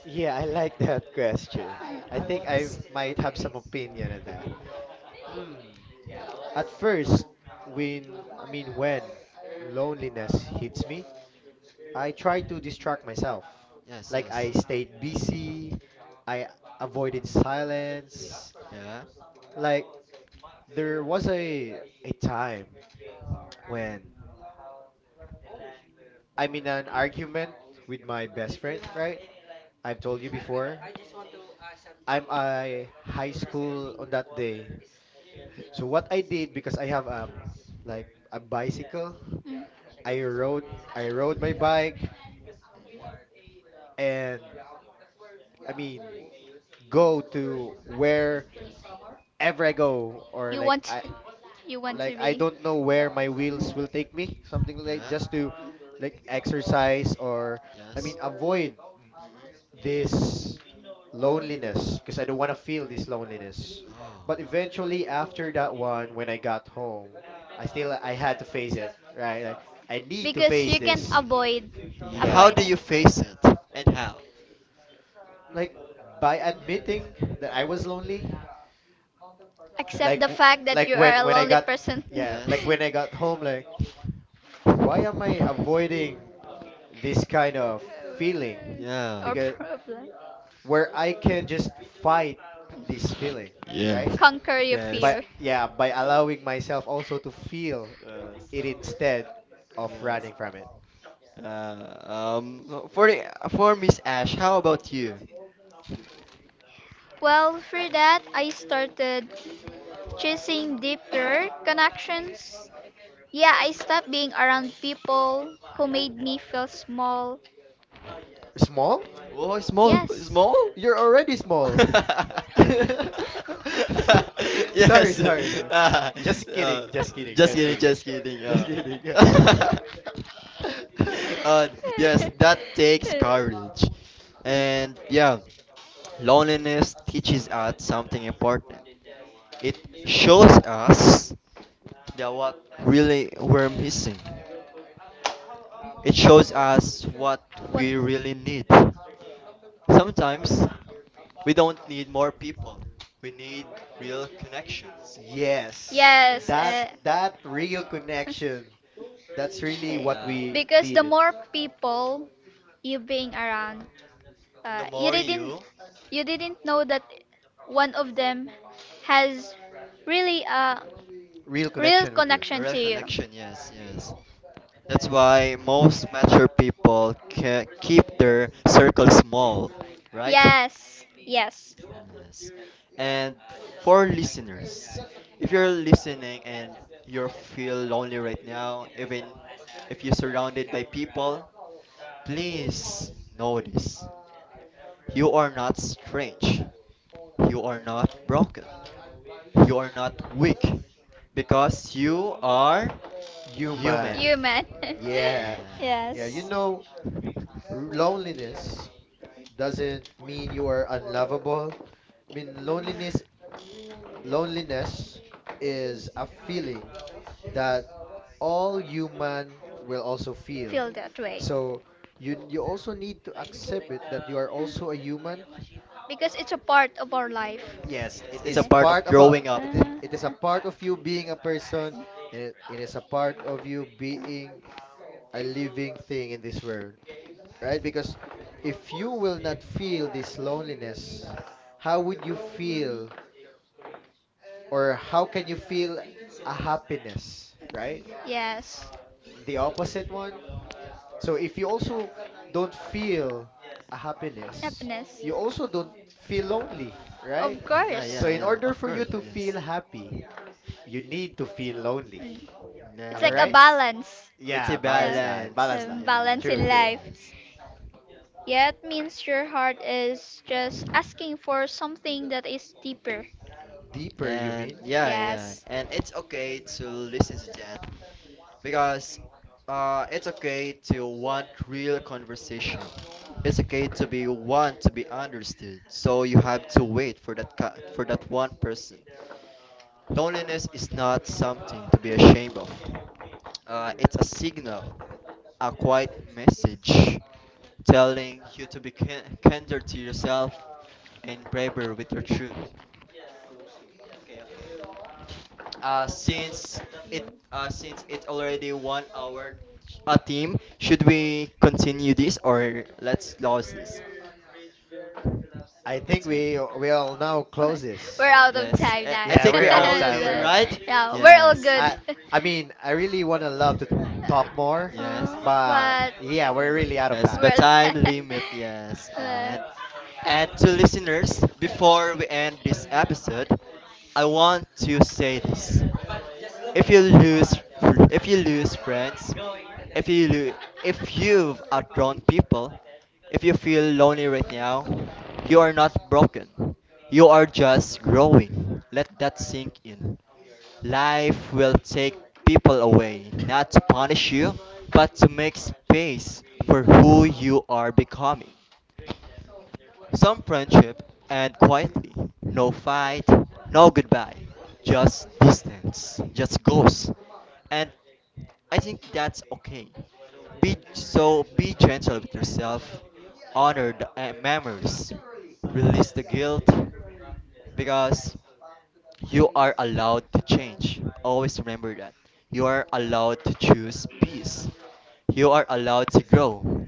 Speaker 2: Yeah, I like [laughs] that question. I think I
Speaker 1: Yes.
Speaker 2: might have some opinion on that. Hmm. At first, when I mean when loneliness hits me, I tried to distract myself.
Speaker 1: Yes,
Speaker 2: Like
Speaker 1: yes.
Speaker 2: I stayed busy, I avoided silence.
Speaker 1: Yeah.
Speaker 2: Like there was a a time when I'm in an argument with my best friend, right? I've told you
Speaker 1: Mm-hmm.
Speaker 2: before. I'm a high school on that day. So what I did because I have a like a bicycle,
Speaker 3: Mm.
Speaker 2: I rode I rode my bike
Speaker 1: Mm-hmm.
Speaker 2: and I mean go to wherever I go, or
Speaker 3: You
Speaker 2: like
Speaker 3: want.
Speaker 2: I,
Speaker 3: [laughs] You want to
Speaker 2: like I
Speaker 3: be,
Speaker 2: don't know where my wheels will take me, something like
Speaker 1: Yeah.
Speaker 2: just to like exercise, or I mean
Speaker 1: Yes.
Speaker 2: avoid this loneliness because I don't want to feel this loneliness. But
Speaker 1: Mm-hmm.
Speaker 2: eventually after that one when I got home,
Speaker 1: Oh.
Speaker 2: I still I had to face it, right? Like I need to
Speaker 3: because
Speaker 2: face
Speaker 1: Yes.
Speaker 3: you can
Speaker 2: this.
Speaker 3: avoid,
Speaker 1: Yeah, how
Speaker 2: Yeah.
Speaker 3: avoid
Speaker 1: do
Speaker 3: it.
Speaker 1: you face it, and how?
Speaker 2: Like by admitting that I was lonely,
Speaker 3: Accept
Speaker 2: like
Speaker 3: the
Speaker 2: w-
Speaker 3: fact that
Speaker 2: like
Speaker 3: you are
Speaker 2: when
Speaker 3: a
Speaker 2: when I
Speaker 3: lonely
Speaker 2: got
Speaker 3: person. [laughs]
Speaker 1: Mm,
Speaker 2: yeah,
Speaker 1: Yes.
Speaker 2: like when I
Speaker 1: Yes.
Speaker 2: got home like why am I avoiding this kind of feeling?
Speaker 1: Yeah. Yeah.
Speaker 3: Or
Speaker 2: Because
Speaker 3: problem,
Speaker 2: where I can just fight this feeling,
Speaker 1: Yes.
Speaker 2: right?
Speaker 3: conquer your
Speaker 1: Yes.
Speaker 2: But
Speaker 3: fear.
Speaker 2: yeah, by allowing myself also to feel it instead of
Speaker 1: Yes.
Speaker 2: running
Speaker 1: Uh,
Speaker 2: from it.
Speaker 1: Uh, um, no, for the- for Miss Ash, how about you?
Speaker 3: Well, for that I started chasing deeper connections. Yeah, I stopped being around people who made me feel.
Speaker 2: Small?
Speaker 1: Oh, small,
Speaker 3: Yes.
Speaker 1: small?
Speaker 2: You're already small.
Speaker 1: [laughs]
Speaker 2: [laughs] Sorry,
Speaker 1: yes.
Speaker 2: sorry, sorry.
Speaker 1: Ah,
Speaker 2: Just kidding,
Speaker 1: uh,
Speaker 2: just kidding,
Speaker 1: just
Speaker 2: just
Speaker 1: kidding,
Speaker 2: kidding,
Speaker 1: just kidding.
Speaker 2: just
Speaker 1: Uh.
Speaker 2: kidding.
Speaker 1: [laughs]
Speaker 2: [laughs]
Speaker 1: uh, yes,
Speaker 3: [laughs]
Speaker 1: that takes courage. And yeah, loneliness teaches us something important. It shows us that what really we're missing. It shows us what
Speaker 3: What?
Speaker 1: we really need. Sometimes we don't need more people. We need real connections.
Speaker 2: Yes,
Speaker 3: Yes,
Speaker 2: that
Speaker 1: Yes.
Speaker 3: uh,
Speaker 2: that real connection. That's really what
Speaker 1: Yeah.
Speaker 3: eh,
Speaker 2: we
Speaker 3: because the
Speaker 2: needed.
Speaker 3: more people you being around, the uh,
Speaker 1: The
Speaker 3: you
Speaker 1: more
Speaker 3: didn't
Speaker 1: you,
Speaker 3: you didn't know that one of them has really a,
Speaker 2: Real
Speaker 3: real
Speaker 2: connection with you.
Speaker 3: connection
Speaker 1: real
Speaker 3: to you.
Speaker 1: connection, yes, yes. That's why most mature people ca- keep their circle small, right?
Speaker 3: Yes, yes,
Speaker 1: Yes. And for listeners, if you're listening and you feel lonely right now, even if you're surrounded by people, please notice you are not strange, you are not broken, you are not weak, because you are
Speaker 2: Human.
Speaker 1: human.
Speaker 3: human. [laughs]
Speaker 2: Yeah.
Speaker 3: Yeah. Yes.
Speaker 2: Yeah, you
Speaker 1: Yes.
Speaker 2: know, r- loneliness doesn't mean you are unlovable. I mean, loneliness loneliness is a feeling that all human will also feel.
Speaker 3: Feel that way,
Speaker 2: So you you also need to accept it that you are also a human.
Speaker 3: because it's a part of our life.
Speaker 2: Yes,
Speaker 1: Yes,
Speaker 2: it
Speaker 1: it's a
Speaker 2: is
Speaker 3: Yeah.
Speaker 1: part of
Speaker 2: part of a
Speaker 1: growing up.
Speaker 2: it is,
Speaker 3: Uh,
Speaker 2: it is a part of you being a person, and it, it is a part of you being a living thing in this world, right? Because if you will not feel this loneliness, how would you feel or how can you feel a happiness, right?
Speaker 3: yes.
Speaker 2: The opposite one. So if you also don't feel a happiness,
Speaker 3: Happiness.
Speaker 2: you also don't feel lonely, right?
Speaker 3: Of
Speaker 1: Yeah,
Speaker 3: course.
Speaker 2: So
Speaker 1: yeah,
Speaker 2: in
Speaker 1: yeah.
Speaker 2: order
Speaker 1: Of
Speaker 2: for you
Speaker 1: course,
Speaker 2: to feel
Speaker 1: yes.
Speaker 2: happy, you need to feel lonely.
Speaker 3: Mm. It's
Speaker 2: Am I
Speaker 3: like a
Speaker 2: right?
Speaker 1: Yes.
Speaker 3: balance. Yeah.
Speaker 1: It's
Speaker 2: Yeah,
Speaker 1: a
Speaker 2: balance life,
Speaker 1: balance.
Speaker 2: balance
Speaker 3: Um,
Speaker 2: life.
Speaker 3: balance
Speaker 2: True,
Speaker 3: in
Speaker 1: Yes,
Speaker 2: true.
Speaker 3: life.
Speaker 1: yes.
Speaker 3: Yeah, it means your heart is just asking for something that is deeper.
Speaker 2: Deeper, you
Speaker 1: And
Speaker 2: mean?
Speaker 1: yeah, yeah.
Speaker 3: Yes.
Speaker 1: And it's okay to listen to that. Because uh, it's okay to want real conversation. It's okay to be want to be understood. So you have to wait for that ca- for that one person. Loneliness is not something to be ashamed of. Uh, it's a signal, a quiet message telling you to be kin- kinder to yourself and braver with your truth. uh, since it uh, since it's already one hour a team should we continue this or let's close this
Speaker 2: I think
Speaker 1: let's
Speaker 2: we
Speaker 1: end
Speaker 2: will now close
Speaker 3: We're
Speaker 2: this.
Speaker 3: out of
Speaker 1: yes
Speaker 3: time
Speaker 1: i,
Speaker 3: now.
Speaker 1: I
Speaker 2: Yeah,
Speaker 1: think we
Speaker 2: we're out of
Speaker 1: all
Speaker 2: time.
Speaker 1: good
Speaker 2: We're out
Speaker 3: [laughs]
Speaker 2: of time.
Speaker 1: right
Speaker 3: Yeah, we're all
Speaker 1: yes
Speaker 3: good.
Speaker 2: I I
Speaker 3: [laughs]
Speaker 2: mean, I really wanna love to talk more,
Speaker 1: yes
Speaker 2: but
Speaker 3: Right?
Speaker 2: yeah,
Speaker 3: Yeah, we're
Speaker 2: we're
Speaker 1: but,
Speaker 2: really out of
Speaker 1: yes
Speaker 2: time.
Speaker 1: but
Speaker 3: all good.
Speaker 1: time
Speaker 3: [laughs] Oh, but yeah,
Speaker 1: limit yes
Speaker 3: we're
Speaker 1: and
Speaker 3: [laughs]
Speaker 1: and to listeners before we end this episode I want to say this if you lose, fr- if you lose friends, if you lo- if you've outgrown people, if you feel lonely right now, you are not broken. You are just growing. Let that sink in. Life will take people away, not to punish you, but to make space for who you are becoming. Some friendship and quietly. No fight, no goodbye. Just distance. Just goes. And I think that's okay. Be so be gentle with yourself. Honor the uh, memories. Release the guilt because you are allowed to change. Always remember that. You are allowed to choose peace. You are allowed to grow.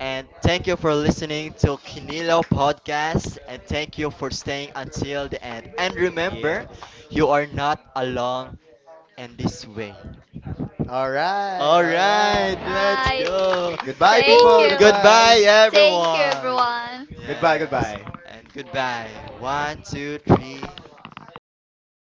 Speaker 1: And thank you for listening to Kinilo podcast and thank you for staying until the end. And remember,
Speaker 2: Yes.
Speaker 1: you are not alone in this way.
Speaker 2: All right,
Speaker 1: All
Speaker 2: all
Speaker 1: right,
Speaker 2: right.
Speaker 3: uh,
Speaker 1: let's
Speaker 3: I
Speaker 1: go.
Speaker 3: goodbye,
Speaker 2: Goodbye,
Speaker 3: thank
Speaker 2: people.
Speaker 1: Woo,
Speaker 3: you.
Speaker 2: Goodbye.
Speaker 1: goodbye,
Speaker 3: Thank you
Speaker 1: everyone.
Speaker 3: everyone.
Speaker 2: Goodbye,
Speaker 1: Yes,
Speaker 2: goodbye.
Speaker 1: and goodbye. One, two, three.